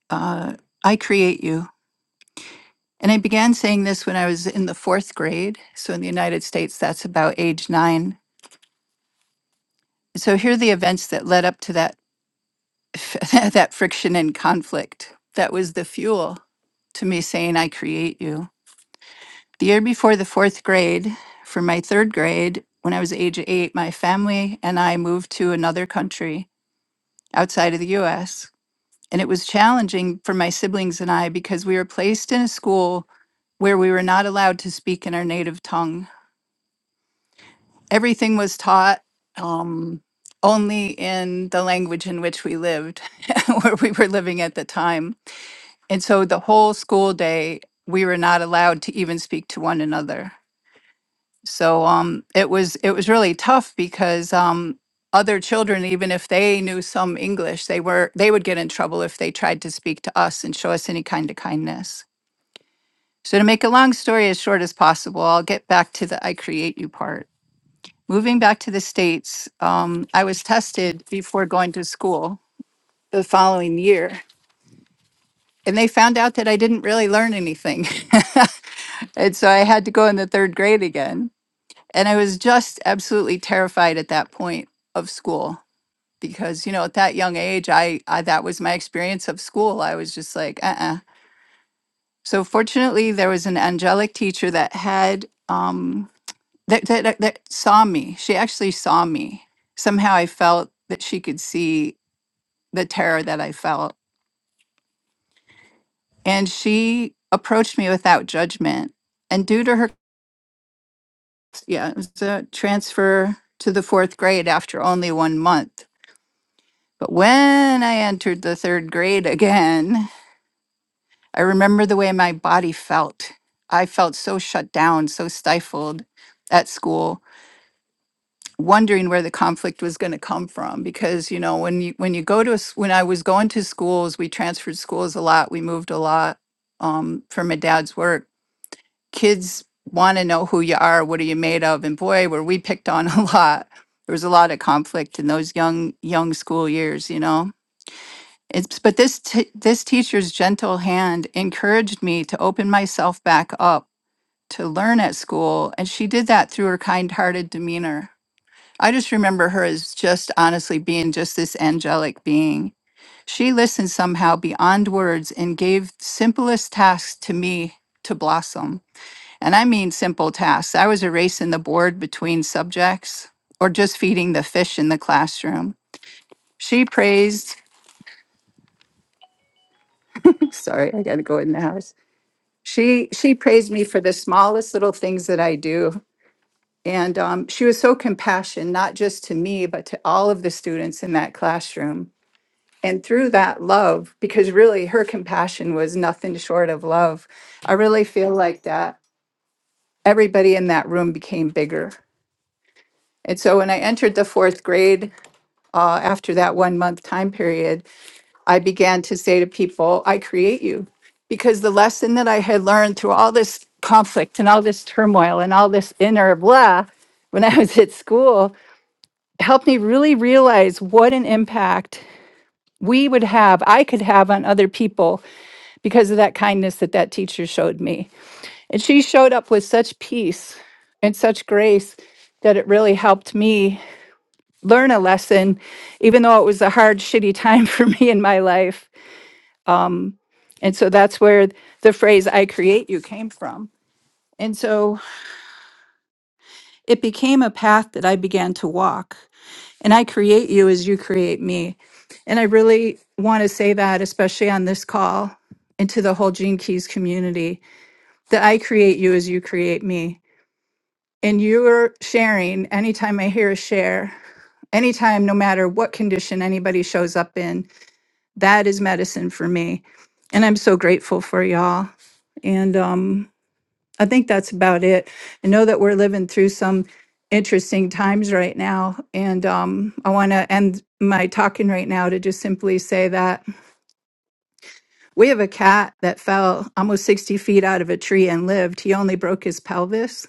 [SPEAKER 8] Uh, I create you. And I began saying this when I was in the fourth grade. So in the United States, that's about age nine. So here are the events that led up to that that friction and conflict. That was the fuel to me saying, "I create you." The year before the fourth grade, for my third grade, when I was age eight, my family and I moved to another country outside of the U.S. And it was challenging for my siblings and I because we were placed in a school where we were not allowed to speak in our native tongue. Everything was taught um, only in the language in which we lived, where we were living at the time. And so the whole school day, we were not allowed to even speak to one another. So um, it was it was really tough because um, other children, even if they knew some English, they were they would get in trouble if they tried to speak to us and show us any kind of kindness. So to make a long story as short as possible, I'll get back to the I create you part. Moving back to the states, um, I was tested before going to school the following year, and they found out that I didn't really learn anything, and so I had to go in the third grade again And I was just absolutely terrified at that point of school because, you know, at that young age, I, I that was my experience of school. I was just like, uh uh So fortunately, there was an angelic teacher that had, um, that, that, that that saw me. She actually saw me. Somehow I felt that she could see the terror that I felt. And she approached me without judgment. And due to her, yeah, it was a transfer to the fourth grade after only one month But when I entered the third grade again, I remember the way my body felt. I felt so shut down, so stifled at school, wondering where the conflict was going to come from because you know, when you when you go to a s- when I was going to schools, we transferred schools a lot, we moved a lot um for my dad's work. Kids want to know who you are, what are you made of? And boy, were we picked on a lot. There was a lot of conflict in those young young school years, you know It's, but this t- this teacher's gentle hand encouraged me to open myself back up to learn at school, and she did that through her kind-hearted demeanor. I just remember her as just honestly being just this angelic being. She listened somehow beyond words and gave simplest tasks to me to blossom. And I mean simple tasks. I was erasing the board between subjects or just feeding the fish in the classroom. She praised, sorry, I got to go in the house. She she praised me for the smallest little things that I do. And um, she was so compassionate, not just to me, but to all of the students in that classroom. And through that love, because really her compassion was nothing short of love, I really feel like that everybody in that room became bigger. And so when I entered the fourth grade, uh, after that one month time period, I began to say to people, I create you. Because the lesson that I had learned through all this conflict and all this turmoil and all this inner blah when I was at school helped me really realize what an impact we would have, I could have on other people because of that kindness that that teacher showed me. And she showed up with such peace and such grace that it really helped me learn a lesson, even though it was a hard, shitty time for me in my life. And so that's where the phrase I create you came from. And so it became a path that I began to walk. And I create you as you create me. And I really want to say that, especially on this call and to the whole Gene Keys community, that I create you as you create me. And you're sharing anytime I hear a share, anytime, no matter what condition anybody shows up in, that is medicine for me. And I'm so grateful for y'all. And um, I think that's about it. I know that we're living through some interesting times right now. And um, I want to end my talking right now to just simply say that we have a cat that fell almost 60 feet out of a tree and lived. He only broke his pelvis.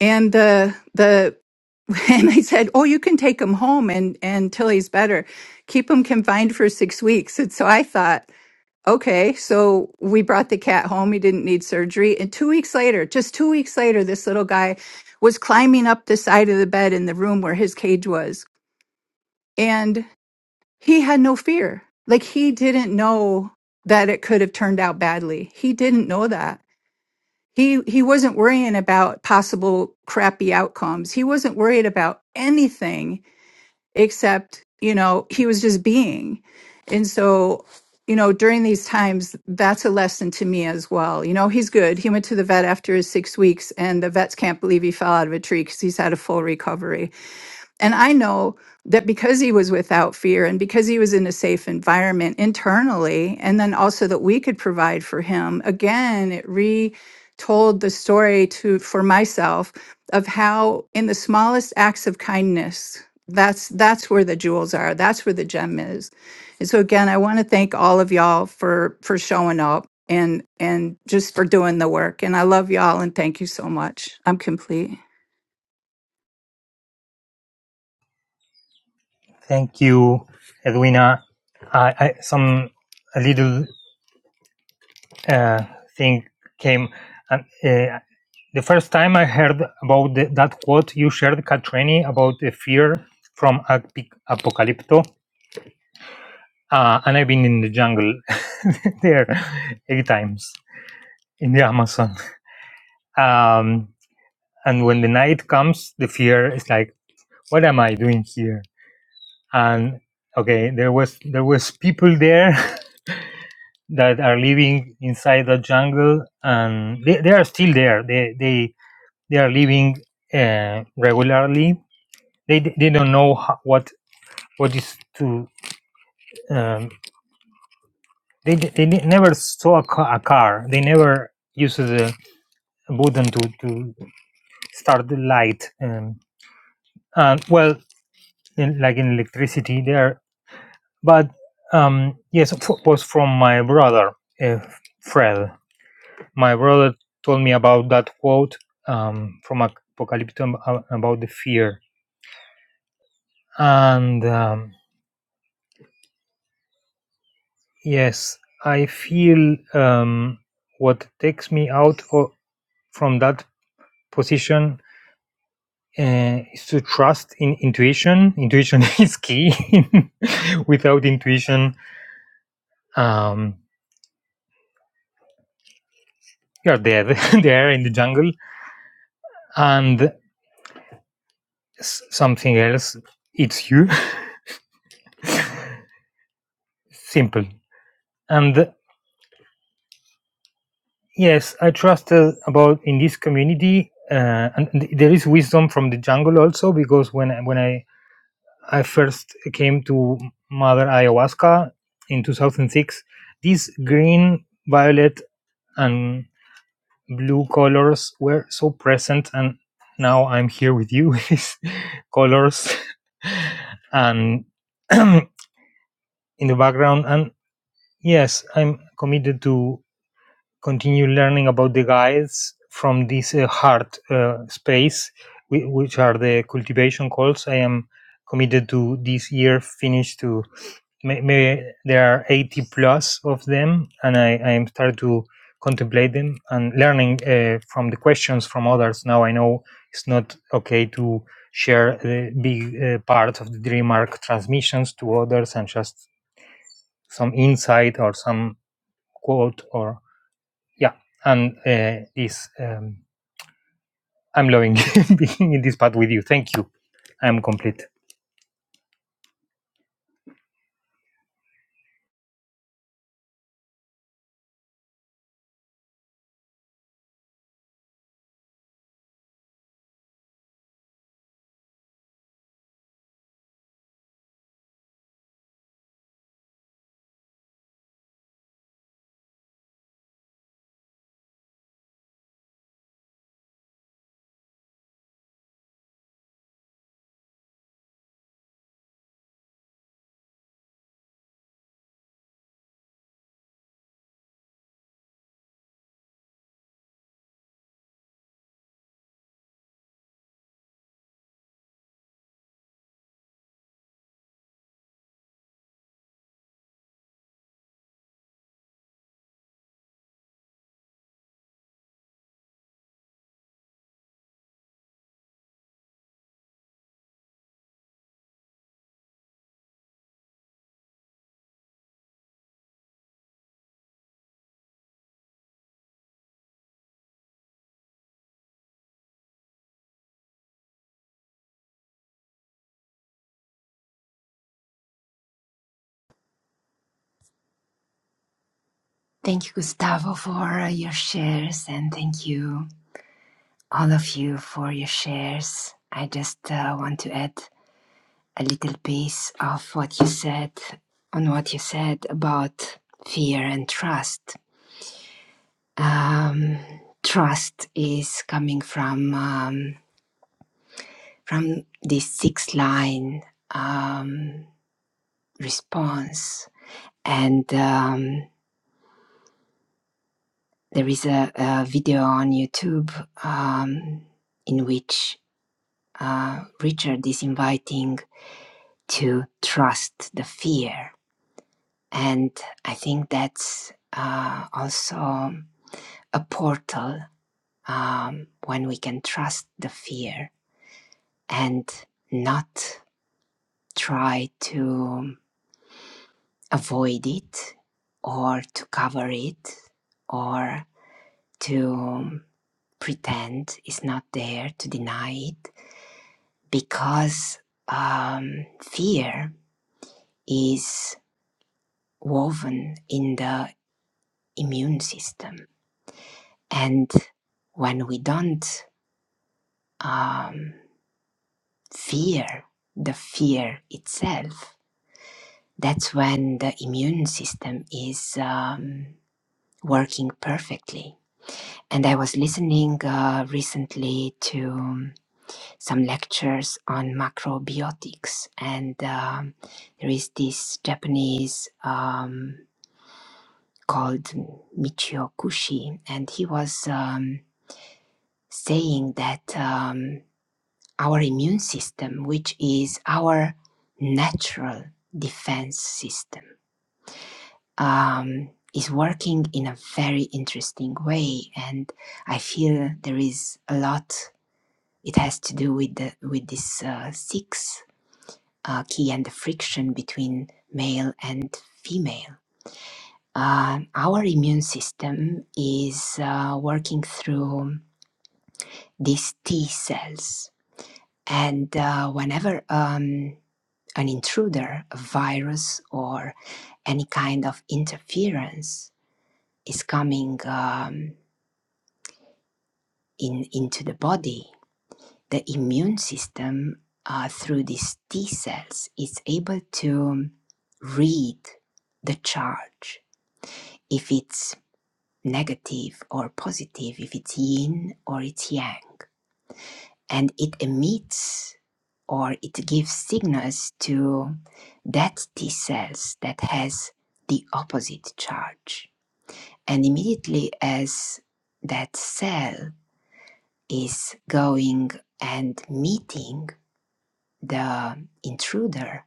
[SPEAKER 8] And the, the, and they said, "Oh, you can take him home and and till he's better, keep him confined for six weeks." And so I thought, Okay, so we brought the cat home. He didn't need surgery. And two weeks later, just two weeks later, this little guy was climbing up the side of the bed in the room where his cage was. And he had no fear. Like he didn't know that it could have turned out badly. He didn't know that. He he wasn't worrying about possible crappy outcomes. He wasn't worried about anything except you know he was just being and so you know during these times that's a lesson to me as well you know he's good he went to the vet after his six weeks and the vets can't believe he fell out of a tree because he's had a full recovery and I know that because he was without fear and because he was in a safe environment internally, and then also that we could provide for him, again, it retold the story to for myself of how in the smallest acts of kindness, that's that's where the jewels are. That's where the gem is. And so again, I want to thank all of y'all for for showing up and and just for doing the work. And I love y'all and thank you so much. I'm complete.
[SPEAKER 7] Thank you, Edwina. I, I some a little uh, thing came. Um, uh, the first time I heard about the, that quote you shared, Katrini, about the fear from ap- apocalypto, uh, and I've been in the jungle there eight times in the Amazon. Um, and when the night comes, the fear is like, what am I doing here? And okay, there was there was people there that are living inside the jungle, and they, they are still there. They they they are living uh, regularly. They they don't know ho- what what is to. Um, they they ne- never saw a ca- a car. They never used the button to to start the light. Um, and well, in, like in electricity, they are. But um, yes, it was from my brother, uh, Fred. My brother told me about that quote um, from Apocalypto uh, about the fear. And um, yes, I feel um, what takes me out o from that position uh, is to trust in intuition. Intuition is key. Without intuition, um, you're dead there in the jungle. And s- something else It's you. Simple. And yes, I trust uh, about in this community, uh, and th- there is wisdom from the jungle also because when I- when I I first came to Mother Ayahuasca in 2006, these green, violet, and blue colors were so present, and now I'm here with you with these colors and in the background, and. Yes, I'm committed to continue learning about the guides from this uh, heart uh, space, whi- which are the cultivation calls. I am committed to this year finish to may, may, there are 80 plus of them, and I, I am started to contemplate them and learning uh, from the questions from others. Now I know it's not okay to share the big uh, part of the dream arc transmissions to others and just some insight or some quote or yeah and uh, this um, i'm loving being in this part with you thank you i'm complete
[SPEAKER 3] Thank you, Gustavo, for your shares, and thank you, all of you, for your shares. I just uh, want to add a little piece of what you said on what you said about fear and trust. Um, trust is coming from um, from this sixth line um, response, and um, there is a, a video on YouTube um, in which uh, Richard is inviting to trust the fear. And I think that's uh, also a portal um, when we can trust the fear and not try to avoid it or to cover it or to pretend it's not there, to deny it, because um, fear is woven in the immune system. And when we don't um, fear the fear itself, that's when the immune system is um, working perfectly. And I was listening uh, recently to some lectures on macrobiotics, and um, there is this Japanese um, called Michio Kushi, and he was. Um, saying that um, our immune system, which is our natural defense system, um, is working in a very interesting way, and I feel there is a lot. It has to do with the with this uh, six uh, key and the friction between male and female. Uh, our immune system is uh, working through these T cells And uh, whenever um, an intruder, a virus, or any kind of interference is coming um, in into the body, the immune system uh, through these T cells is able to read the charge if it's negative or positive, if it's yin or it's yang. and it emits or it gives signals to that T cells that has the opposite charge. And immediately as that cell is going and meeting the intruder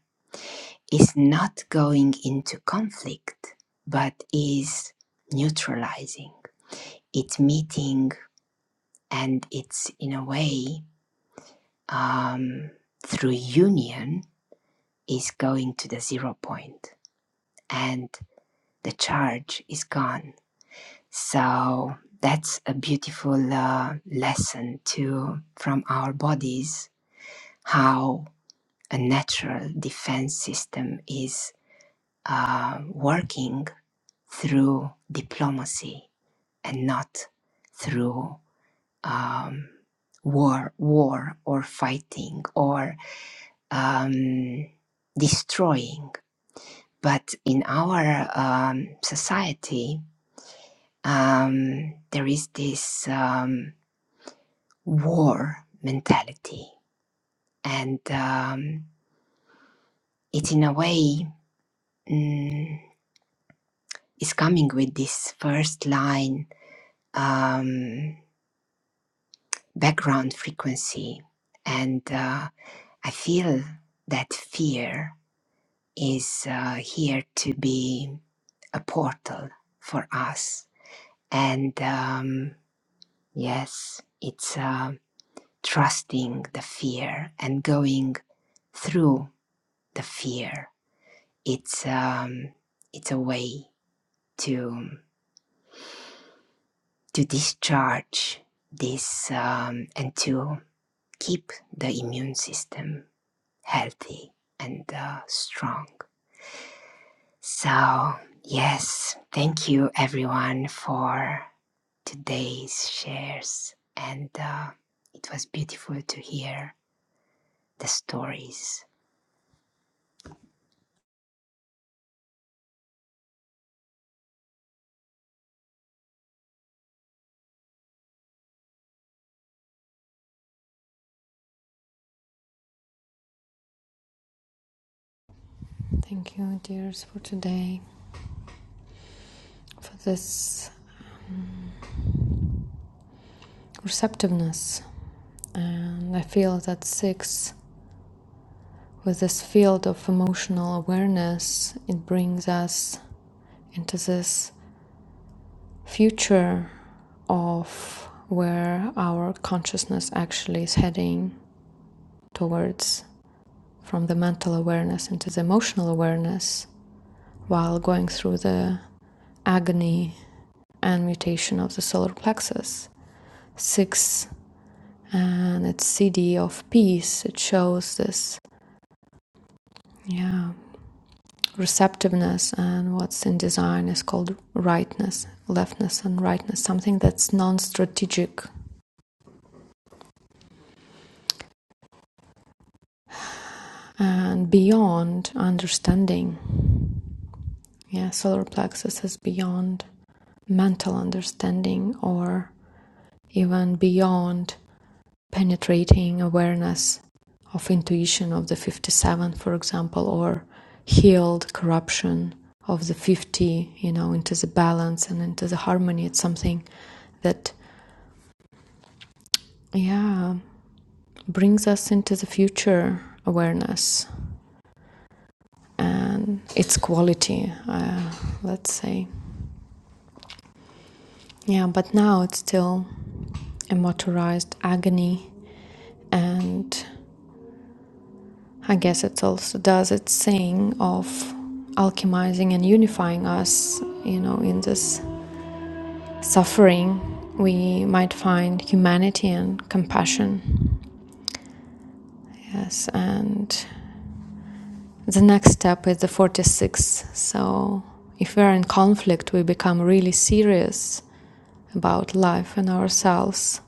[SPEAKER 3] is not going into conflict but is neutralizing. It's meeting and it's in a way um, through union is going to the zero point and the charge is gone. So that's a beautiful uh, lesson to from our bodies how a natural defense system is uh, working through diplomacy and not through um, war, war or fighting or um, destroying But in our um, society, um, there is this um, war mentality, and um, it, in a way, mm, is coming with this first line um, background frequency, and uh, I feel that fear is uh, here to be a portal for us, and um, yes, it's. Um, trusting the fear and going through the fear. It's um, it's a way to to discharge this um, and to keep the immune system healthy and uh, strong. So yes, thank you everyone for today's shares, and uh, it was beautiful to hear the stories
[SPEAKER 2] Thank you, dears, for today. for this um, receptiveness. And I feel that six, with this field of emotional awareness, it brings us into this future of where our consciousness actually is heading towards from the mental awareness into the emotional awareness while going through the agony and mutation of the solar plexus. Six and it's city of peace it shows this yeah receptiveness and what's in design is called rightness leftness and rightness something that's non-strategic and beyond understanding yeah solar plexus is beyond mental understanding or even beyond penetrating awareness of intuition of the 57 for example or healed corruption of the 50 you know into the balance and into the harmony it's something that yeah brings us into the future awareness and its quality uh, let's say yeah but now it's still a motorized agony and I guess it also does its thing of alchemizing and unifying us, you know, in this suffering. We might find humanity and compassion. Yes, and the next step is the 46th. So, if we're in conflict, we become really serious about life and ourselves.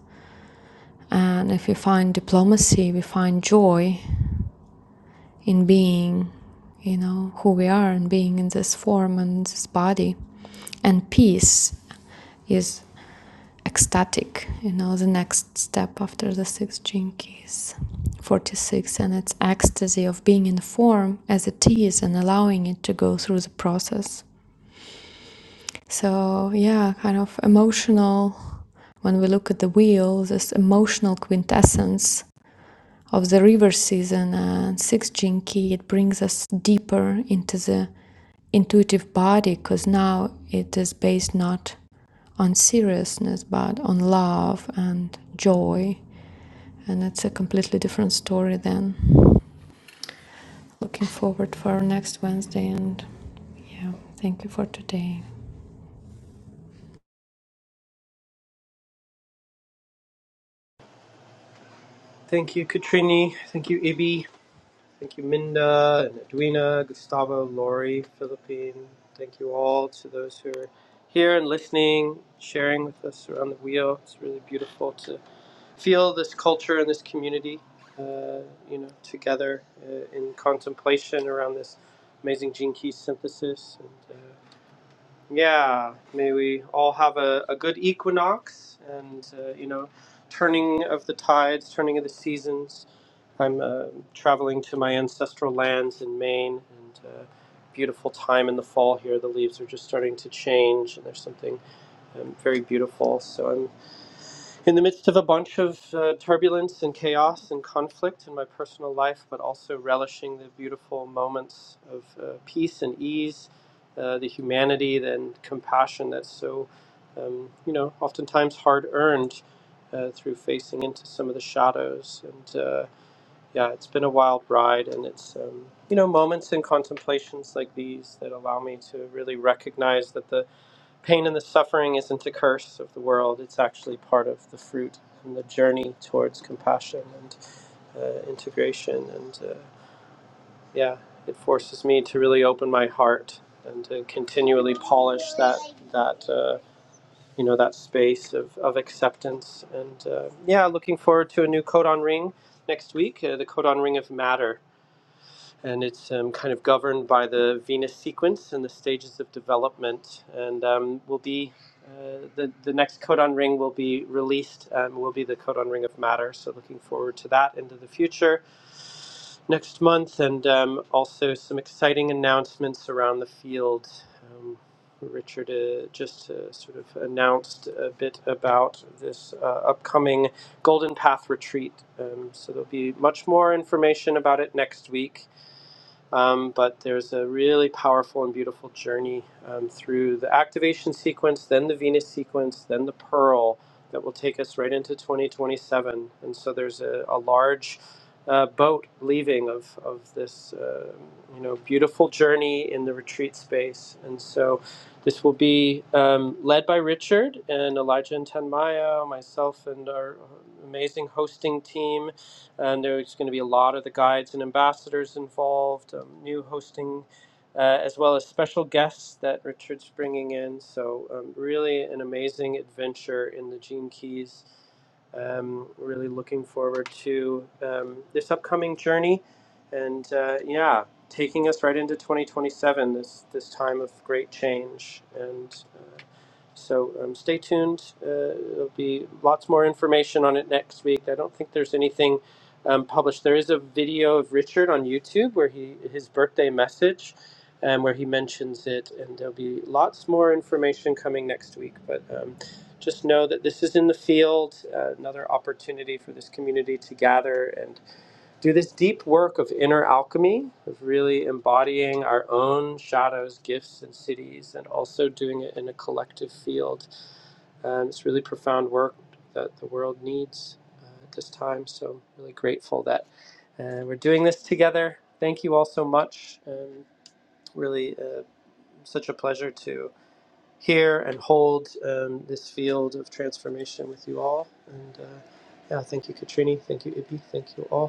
[SPEAKER 2] And if we find diplomacy, we find joy in being, you know, who we are and being in this form and this body. And peace is ecstatic, you know, the next step after the six jinkies. 46 and it's ecstasy of being in form as it is and allowing it to go through the process. So, yeah, kind of emotional when we look at the wheel, this emotional quintessence of the river season and six gene key it brings us deeper into the intuitive body because now it is based not on seriousness but on love and joy and it's a completely different story then looking forward for next wednesday and yeah thank you for today
[SPEAKER 1] Thank you, Katrini. Thank you, Ibi. Thank you, Minda and Edwina, Gustavo, Lori, Philippine. Thank you all to those who are here and listening, sharing with us around the wheel. It's really beautiful to feel this culture and this community, uh, you know, together uh, in contemplation around this amazing gene key synthesis. And uh, yeah, may we all have a, a good equinox and, uh, you know, turning of the tides, turning of the seasons. I'm uh, traveling to my ancestral lands in Maine and uh, beautiful time in the fall here. The leaves are just starting to change and there's something um, very beautiful. So I'm. In the midst of a bunch of uh, turbulence and chaos and conflict in my personal life, but also relishing the beautiful moments of uh, peace and ease, uh, the humanity and compassion that's so, um, you know, oftentimes hard earned uh, through facing into some of the shadows. And uh, yeah, it's been a wild ride, and it's, um, you know, moments and contemplations like these that allow me to really recognize that the Pain and the suffering isn't a curse of the world, it's actually part of the fruit and the journey towards compassion and uh, integration. And uh, yeah, it forces me to really open my heart and to continually polish that, that uh, you know, that space of, of acceptance. And uh, yeah, looking forward to a new Codon Ring next week, uh, the Codon Ring of Matter and it's um, kind of governed by the Venus sequence and the stages of development. And um, will be uh, the the next codon ring will be released. Um, will be the codon ring of matter. So looking forward to that into the future next month, and um, also some exciting announcements around the field. Um, Richard uh, just uh, sort of announced a bit about this uh, upcoming Golden Path retreat. Um, so there'll be much more information about it next week um, but there's a really powerful and beautiful journey um, through the activation sequence, then the Venus sequence, then the Pearl that will take us right into 2027. And so there's a, a large uh, boat leaving of, of this, uh, you know, beautiful journey in the retreat space. And so this will be um, led by Richard and Elijah and Tanmaya, myself and our amazing hosting team and there's going to be a lot of the guides and ambassadors involved, um, new hosting, uh, as well as special guests that Richard's bringing in. So, um, really an amazing adventure in the Gene Keys. Um, really looking forward to um, this upcoming journey, and uh, yeah, taking us right into 2027. This this time of great change and. uh, so um, stay tuned. Uh, there'll be lots more information on it next week. I don't think there's anything um, published. There is a video of Richard on YouTube where he his birthday message, um, where he mentions it, and there'll be lots more information coming next week. But um, just know that this is in the field, uh, another opportunity for this community to gather and do this deep work of inner alchemy, of really embodying our own shadows, gifts, and cities, and also doing it in a collective field. Um, it's really profound work that the world needs uh, at this time. So, I'm really grateful that uh, we're doing this together. Thank you all so much. Um, really, uh, such a pleasure to hear and hold um, this field of transformation with you all. And uh, yeah, thank you, Katrini. Thank you, Ibi. Thank you all.